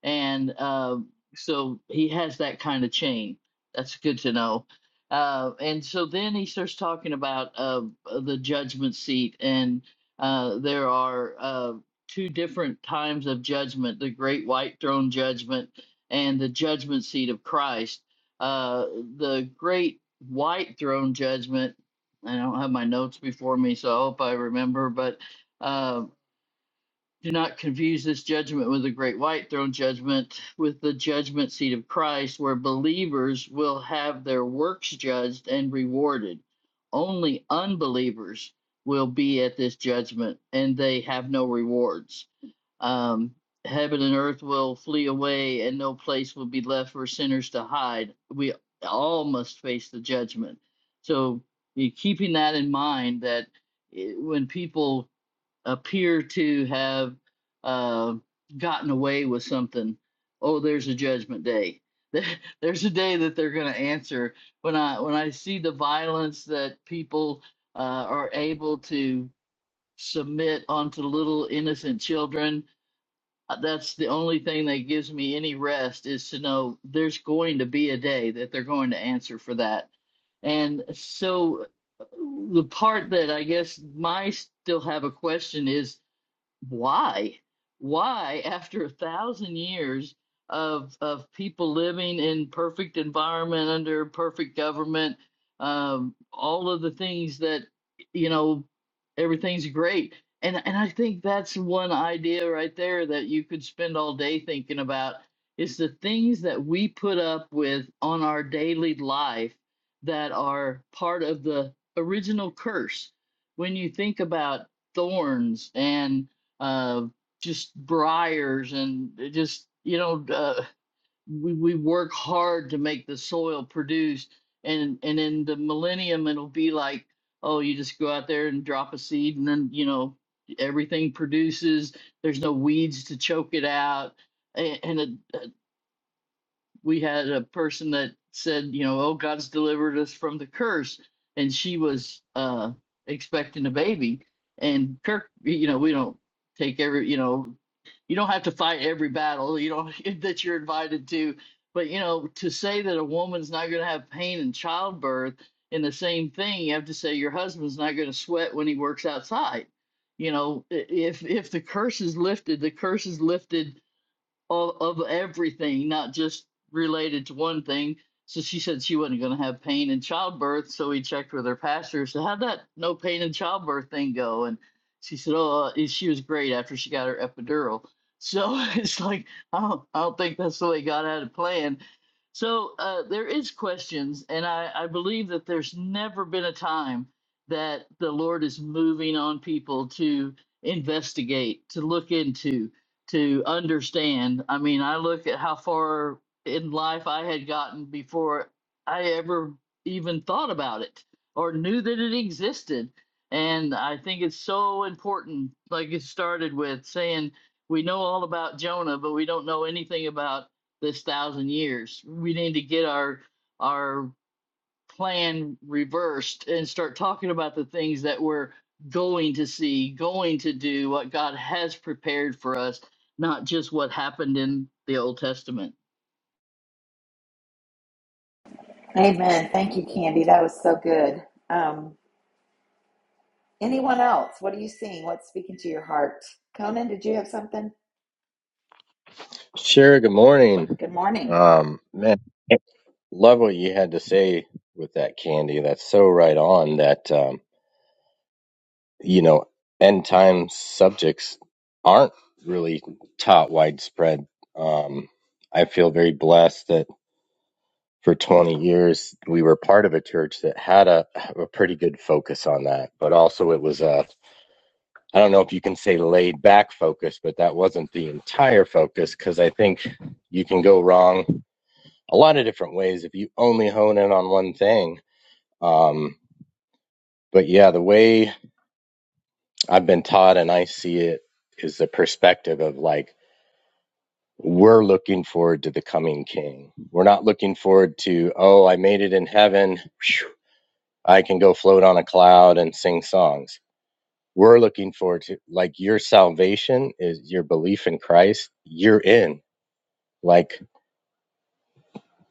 and um, so he has that kind of chain. That's good to know. Uh, and so then he starts talking about uh, the judgment seat, and uh, there are uh, two different times of judgment: the Great White Throne Judgment and the Judgment Seat of Christ. Uh, the Great White Throne Judgment. I don't have my notes before me, so I hope I remember, but. uh, do not confuse this judgment with the great white throne judgment, with the judgment seat of Christ, where believers will have their works judged and rewarded. Only unbelievers will be at this judgment, and they have no rewards. Um, heaven and earth will flee away, and no place will be left for sinners to hide. We all must face the judgment. So, keeping that in mind, that eh, when people appear to have uh, gotten away with something. Oh, there's a judgment day. There's a day that they're going to answer. When I when I see the violence that people uh, are able to submit onto little innocent children, uh, that's the only thing that gives me any rest is to know there's going to be a day that they're going to answer for that. And so uh, the part that I guess my still have a question is why? Why, after a thousand years of of people living in perfect environment under perfect government, um, all of the things that you know, everything's great. And and I think that's one idea right there that you could spend all day thinking about is the things that we put up with on our daily life that are part of the original curse. When you think about thorns and uh, just briars and uh, just you know uh, we we work hard to make the soil produce and and in the millennium it'll be like oh you just go out there and drop a seed and then you know everything produces there's no weeds to choke it out and, and it, uh, we had a person that said you know oh God's delivered us from the curse and she was uh expecting a baby and Kirk you know we don't take every you know you don't have to fight every battle you know that you're invited to but you know to say that a woman's not going to have pain in childbirth in the same thing you have to say your husband's not going to sweat when he works outside you know i- if if the curse is lifted the curse is lifted of, of everything, not just related to one thing. So she said she wasn't going to have pain in childbirth. So we checked with her pastor. So how'd that no pain in childbirth thing go? And she said, oh, uh, she was great after she got her epidural. So it's like I don't, I don't think that's the way God had it planned. So uh, there is questions, and I, I believe that there's never been a time that the Lord is moving on people to investigate, to look into, to understand. I mean, I look at how far in life I had gotten before I ever even thought about it or knew that it existed. And I think it's so important, like it started with saying, we know all about Jonah, but we don't know anything about this thousand years. We need to get our our plan reversed and start talking about the things that we're going to see, going to do, what God has prepared for us, not just what happened in the Old Testament. Amen. Thank you, Candy. That was so good. Um, anyone else? What are you seeing? What's speaking to your heart? Conan, did you have something? Sure, good morning. Good morning. Um, man, love what you had to say with that candy. That's so right on that, um, you know, end time subjects aren't really taught widespread. Um, I feel very blessed that for 20 years we were part of a church that had a, a pretty good focus on that, but also it was a, I don't know if you can say laid back focus, but that wasn't the entire focus because I think you can go wrong a lot of different ways if you only hone in on one thing. Um, but yeah, the way I've been taught and I see it is the perspective of like, we're looking forward to the coming king. We're not looking forward to, oh, I made it in heaven. I can go float on a cloud and sing songs. We're looking forward to like your salvation is your belief in Christ. You're in. Like,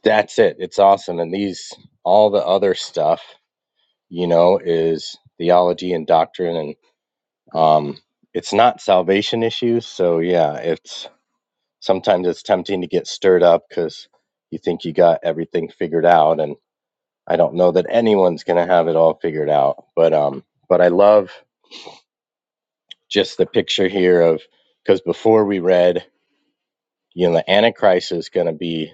that's it. It's awesome. And these, all the other stuff you know, is theology and doctrine, and um, it's not salvation issues. So yeah, it's sometimes it's tempting to get stirred up because you think you got everything figured out, and I don't know that anyone's gonna have it all figured out. But um, but I love just the picture here of because before we read, you know, the Antichrist is gonna be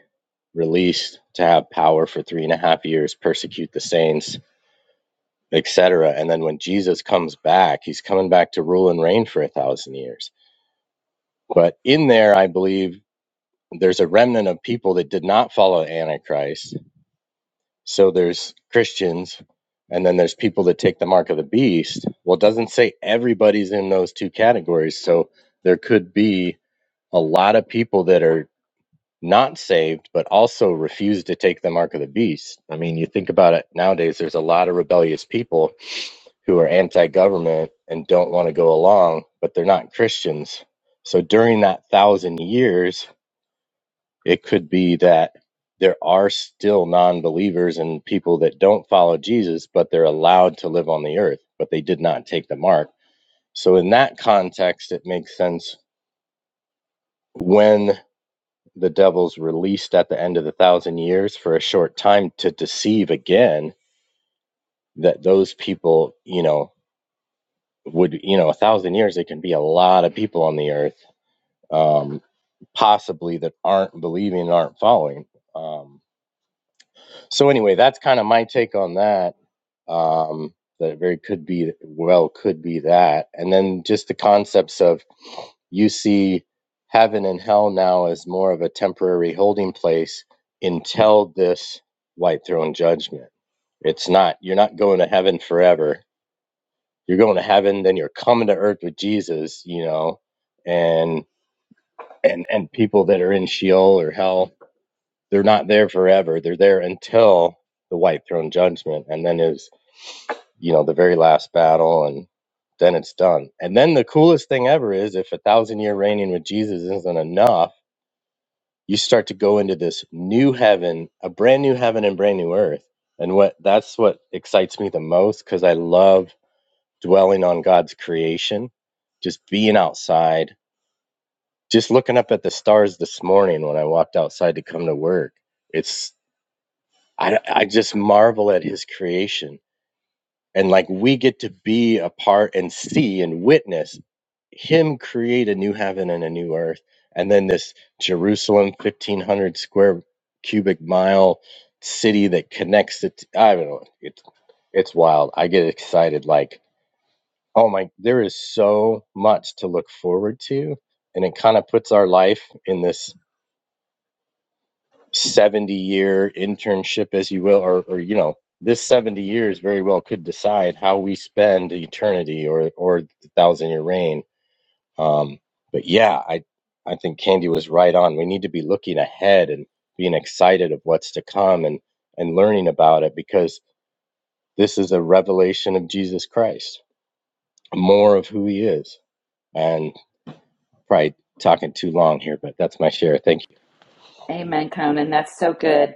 released to have power for three and a half years, persecute the saints etc. And then when Jesus comes back, he's coming back to rule and reign for a thousand years. But in there, I believe there's a remnant of people that did not follow Antichrist. So there's Christians, and then there's people that take the mark of the beast. Well, it doesn't say everybody's in those two categories. So there could be a lot of people that are not saved, but also refuse to take the mark of the beast. I mean, you think about it nowadays, there's a lot of rebellious people who are anti-government and don't want to go along, but they're not Christians. So during that thousand years, it could be that there are still non-believers and people that don't follow Jesus, but they're allowed to live on the earth, but they did not take the mark. So in that context, it makes sense when the devil's released at the end of the thousand years for a short time to deceive again that those people, you know, would, you know, a thousand years, it can be a lot of people on the earth um, possibly that aren't believing and aren't following. Um, so anyway, that's kind of my take on that. Um, that it very could be well could be that, and then just the concepts of you see heaven and hell now as more of a temporary holding place until this white throne judgment. It's not you're not going to heaven forever. You're going to heaven, then you're coming to earth with Jesus. You know, and and and people that are in Sheol or hell, they're not there forever. They're there until the white throne judgment, and then is you know the very last battle, and then it's done. And then the coolest thing ever is if a thousand year reigning with Jesus isn't enough, you start to go into this new heaven, a brand new heaven and brand new earth. And what that's what excites me the most because I love dwelling on God's creation, just being outside just looking up at the stars this morning when I walked outside to come to work. It's I I just marvel at his creation and like we get to be a part and see and witness him create a new heaven and a new earth and then this Jerusalem 1500 square cubic mile city that connects it I don't know it's it's wild. I get excited like oh my there is so much to look forward to and it kind of puts our life in this 70 year internship, as you will, or, or you know, this 70 years very well could decide how we spend eternity or, or the thousand year reign. Um, but yeah, I, I think Candy was right on. We need to be looking ahead and being excited of what's to come and, and learning about it because this is a revelation of Jesus Christ, more of who he is. And probably talking too long here, but that's my share. Thank you. Amen, Conan. That's so good.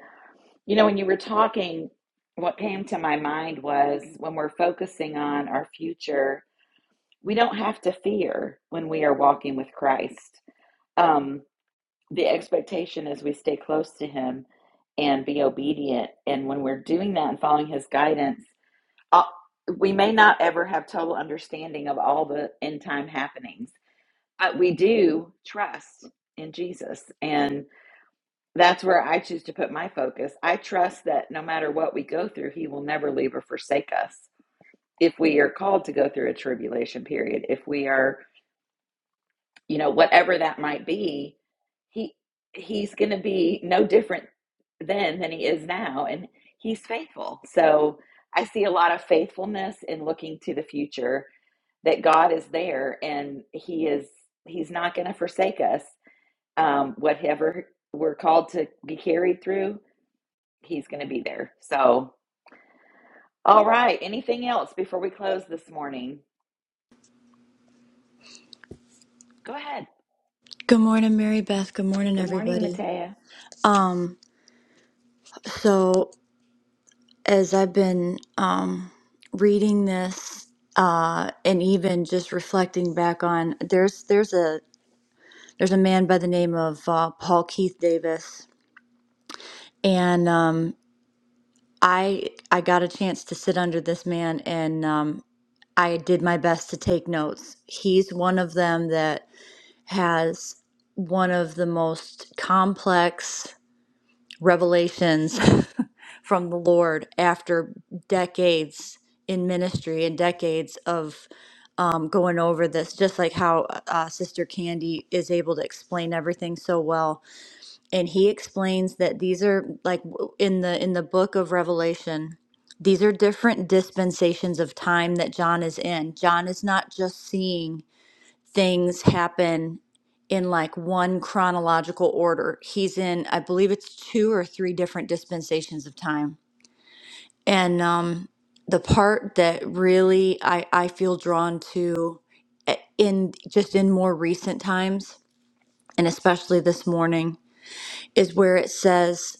You know, when you were talking, what came to my mind was when we're focusing on our future, we don't have to fear when we are walking with Christ. Um, the expectation is we stay close to Him and be obedient. And when we're doing that and following His guidance, uh, we may not ever have total understanding of all the end time happenings, but we do trust in Jesus. And that's where I choose to put my focus. I trust that no matter what we go through, He will never leave or forsake us. If we are called to go through a tribulation period, if we are, you know, whatever that might be, He He's going to be no different then than He is now, and He's faithful. So I see a lot of faithfulness in looking to the future that God is there and He is He's not going to forsake us. Um, whatever we're called to be carried through, He's going to be there. So, all right. Anything else before we close this morning? Go ahead. Good morning, Mary Beth. Good morning, Good morning, everybody. Matea. Um, so as I've been um reading this uh and even just reflecting back on there's there's a there's a man by the name of uh, Paul Keith Davis and um I I got a chance to sit under this man and um I did my best to take notes. He's one of them that has one of the most complex revelations from the Lord after decades in ministry and decades of um, going over this, just like how uh, Sister Candy is able to explain everything so well. And he explains that these are like w- in the in the book of Revelation. These are different dispensations of time that John is in. John is not just seeing things happen in like one chronological order. He's in, I believe it's two or three different dispensations of time. And um, the part that really I, I feel drawn to eh, in just in more recent times, and especially this morning, is where it says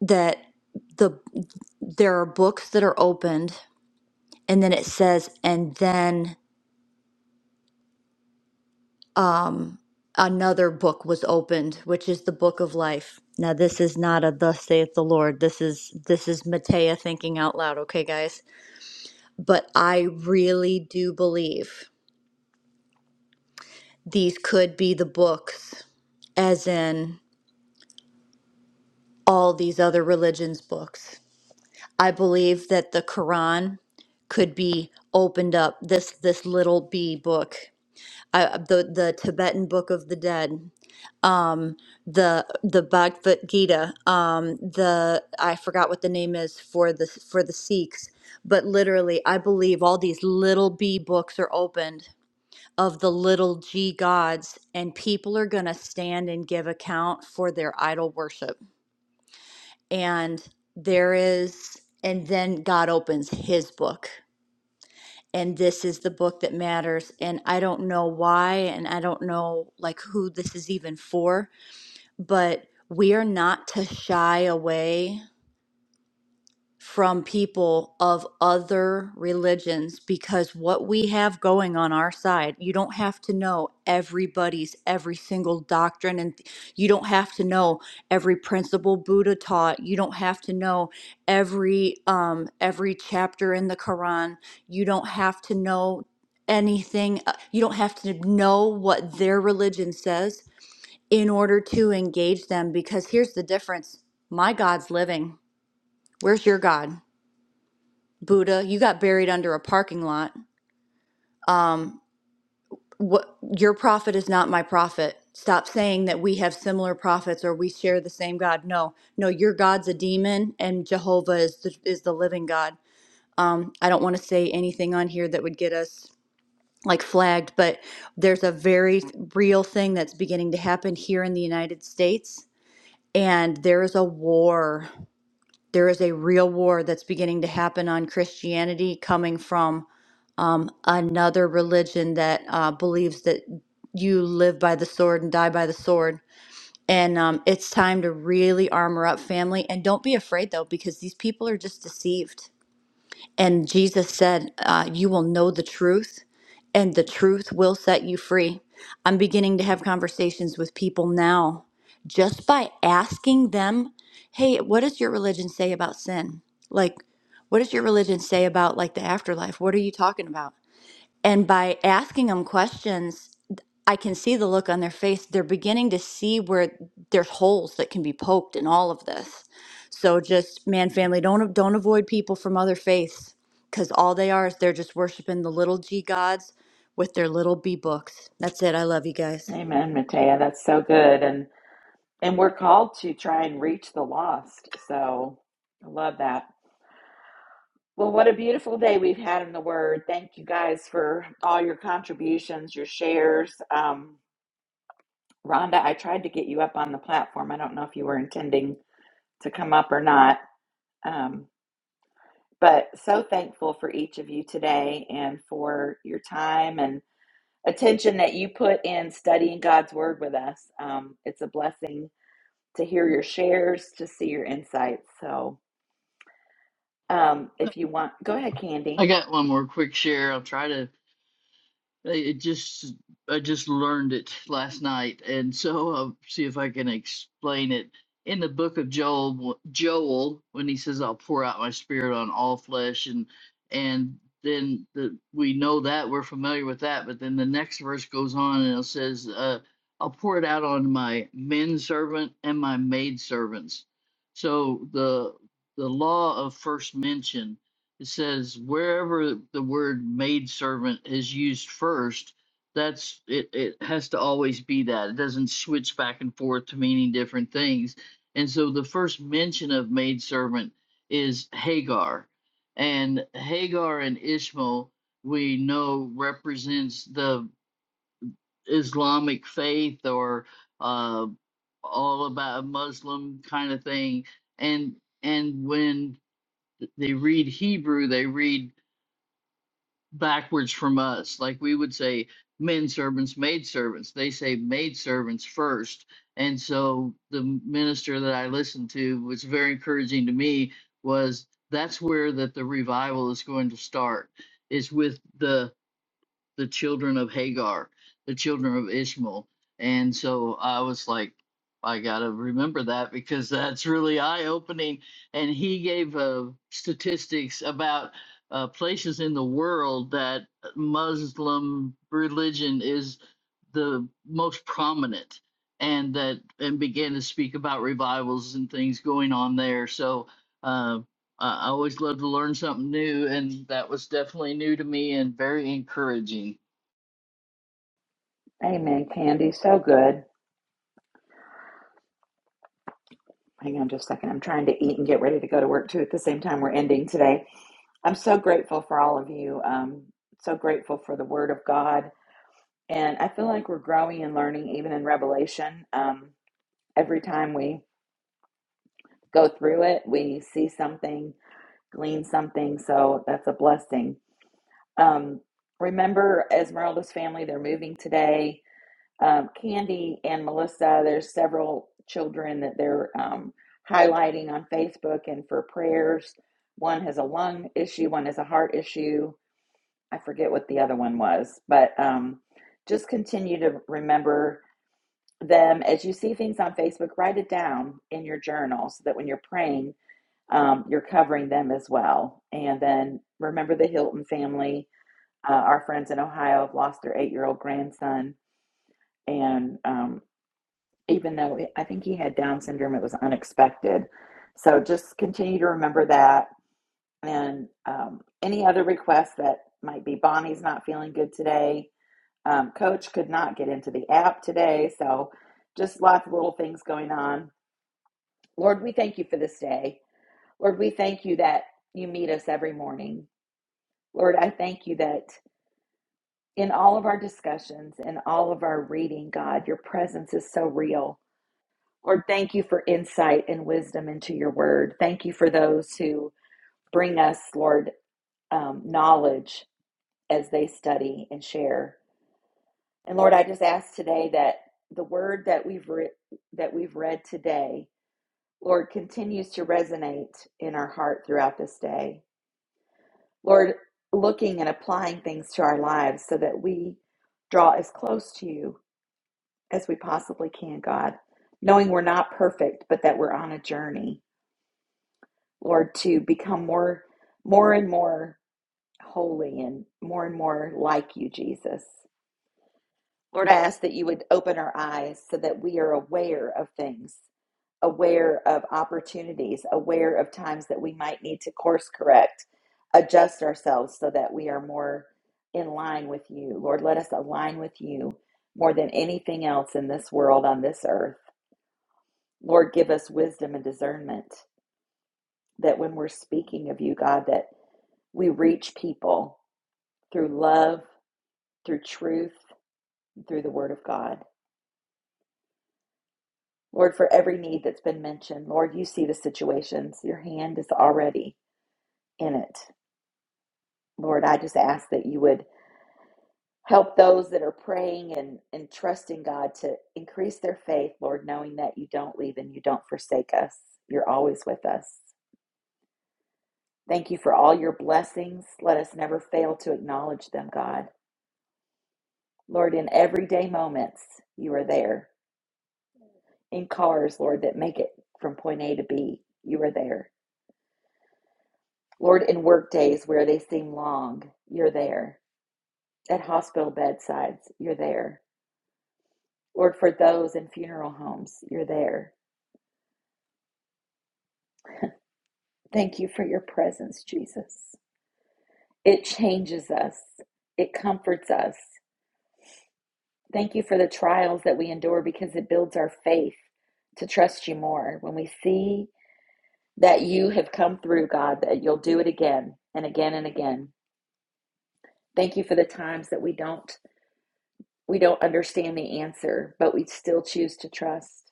that the there are books that are opened, and then it says, and then um, another book was opened, which is the book of life. Now, this is not a "Thus saith the Lord." This is this is Matea thinking out loud. Okay, guys, but I really do believe these could be the books, as in all these other religions' books. I believe that the Quran could be opened up. This this little B book, I, the the Tibetan Book of the Dead. the the Bhagavad Gita, um, the I forgot what the name is for the for the Sikhs, but literally, I believe all these little B books are opened of the little G gods, and people are going to stand and give account for their idol worship. And there is, and then God opens His book. And this is the book that matters. And I don't know why, and I don't know like who this is even for but we are not to shy away from people of other religions because what we have going on our side, you don't have to know everybody's every single doctrine, and th- you don't have to know every principle Buddha taught. You don't have to know every um, every chapter in the Quran. You don't have to know anything. uh, You don't have to know what their religion says in order to engage them because here's the difference my god's living where's your god buddha you got buried under a parking lot um what your prophet is not my prophet stop saying that we have similar prophets or we share the same god no no your god's a demon and jehovah is the, is the living god um i don't want to say anything on here that would get us like flagged but there's a very real thing that's beginning to happen here in the united states and there is a war There is a real war that's beginning to happen on Christianity coming from um, another religion that uh, believes that you live by the sword and die by the sword. And um, it's time to really armor up family. And don't be afraid, though, because these people are just deceived and Jesus said, uh, You will know the truth, and the truth will set you free. I'm beginning to have conversations with people now just by asking them, Hey, what does your religion say about sin? Like, what does your religion say about like the afterlife? What are you talking about? And by asking them questions, I can see the look on their face. They're beginning to see where there's holes that can be poked in all of this. So just man, family, don't don't avoid people from other faiths because all they are is they're just worshiping the little g gods with their little b books. That's it. I love you guys. Amen, Matea. That's so good, and and we're called to try and reach the lost. So, I love that. Well, what a beautiful day we've had in the Word. Thank you guys for all your contributions, your shares. Um, Rhonda, I tried to get you up on the platform. I don't know if you were intending to come up or not. Um, but so thankful for each of you today and for your time and attention that you put in studying God's Word with us. Um, it's a blessing to hear your shares, to see your insights. So um, if you want, go ahead, I Candy. got one more quick share. I'll try to I it just I just learned it last night, and so I'll see if I can explain it. In the book of Joel, Joel, when he says, "I'll pour out my spirit on all flesh," and and then the, we know that we're familiar with that, but then the next verse goes on and it says, uh, "I'll pour it out on my men servant and my maid servants." So the the law of first mention it says wherever the word maidservant is used first, that's it, it has to always be that. It doesn't switch back and forth to meaning different things. And so the first mention of maidservant is Hagar. And Hagar and Ishmael, we know represents the Islamic faith or uh, all about Muslim kind of thing. And and when they read Hebrew, they read backwards from us. Like we would say men servants, maid servants. They say maid servants first. And so the minister that I listened to was very encouraging to me was that's where that the revival is going to start. Is with the the children of Hagar, the children of Ishmael. And so I was like, I got to remember that because that's really eye opening. And he gave uh, statistics about uh, places in the world that Muslim religion is the most prominent and that and began to speak about revivals and things going on there. So uh, I I always love to learn something new, and that was definitely new to me and very encouraging. Amen, Candy. So good. Hang on just a second. I'm trying to eat and get ready to go to work too at the same time we're ending today. I'm so grateful for all of you. Um, so grateful for the Word of God, and I feel like we're growing and learning, even in Revelation. Um, every time we go through it, we see something, glean something. So that's a blessing. Um, remember, Esmeralda's family—they're moving today. Um, Candy and Melissa. There's several children that they're um, highlighting on Facebook and for prayers. One has a lung issue. One has a heart issue I forget what the other one was, but um, just continue to remember them as you see things on Facebook. Write it down in your journal so that when you're praying, um, you're covering them as well. And then remember the Hilton family. Uh, our friends in Ohio have lost their eight-year-old grandson, and um, even though I think he had Down syndrome, it was unexpected. So just continue to remember that. And um, any other requests that might be Bonnie's not feeling good today Um, Coach could not get into the app today, so just lots of little things going on. Lord, we thank you for this day. Lord, we thank you that you meet us every morning. Lord, I thank you that in all of our discussions and all of our reading, God, your presence is so real. Lord, thank you for insight and wisdom into your word. Thank you for those who bring us, Lord, um, knowledge as they study and share. And Lord, I just ask today that the word that we've re- that we've read today, Lord, continues to resonate in our heart throughout this day. Lord, looking and applying things to our lives so that we draw as close to you as we possibly can, God, knowing we're not perfect, but that we're on a journey, Lord, to become more more and more holy and more and more like you, Jesus. Lord, I ask that you would open our eyes so that we are aware of things aware of opportunities, aware of times that we might need to course correct, adjust ourselves so that we are more in line with you. Lord, let us align with you more than anything else in this world, on this earth. Lord, give us wisdom and discernment that when we're speaking of you, God, that we reach people through love, through truth, through the word of God. Lord, for every need that's been mentioned, Lord, you see the situations. Your hand is already in it. Lord, I just ask that you would help those that are praying and, and trusting God to increase their faith, Lord, knowing that you don't leave and you don't forsake us. You're always with us. Thank you for all your blessings. Let us never fail to acknowledge them, God. Lord, in everyday moments, you are there. In cars, Lord, that make it from point A to B, you are there. Lord, in work days where they seem long, you're there. At hospital bedsides, you're there. Lord, for those in funeral homes, you're there. Thank you for your presence, Jesus. It changes us, it comforts us. Thank you for the trials that we endure because it builds our faith to trust you more. When we see that you have come through, God, that you'll do it again and again and again. Thank you for the times that we don't we don't understand the answer, but we still choose to trust.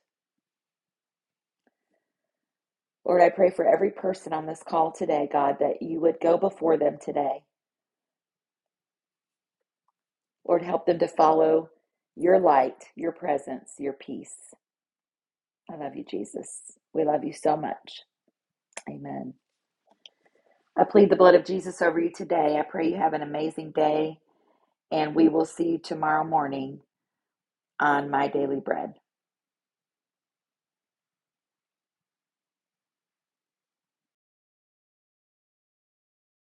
Lord, I pray for every person on this call today, God, that you would go before them today Lord, help them to follow your light, your presence, your peace. I love you, Jesus. We love you so much. Amen. I plead the blood of Jesus over you today. I pray you have an amazing day, and we will see you tomorrow morning on My Daily Bread.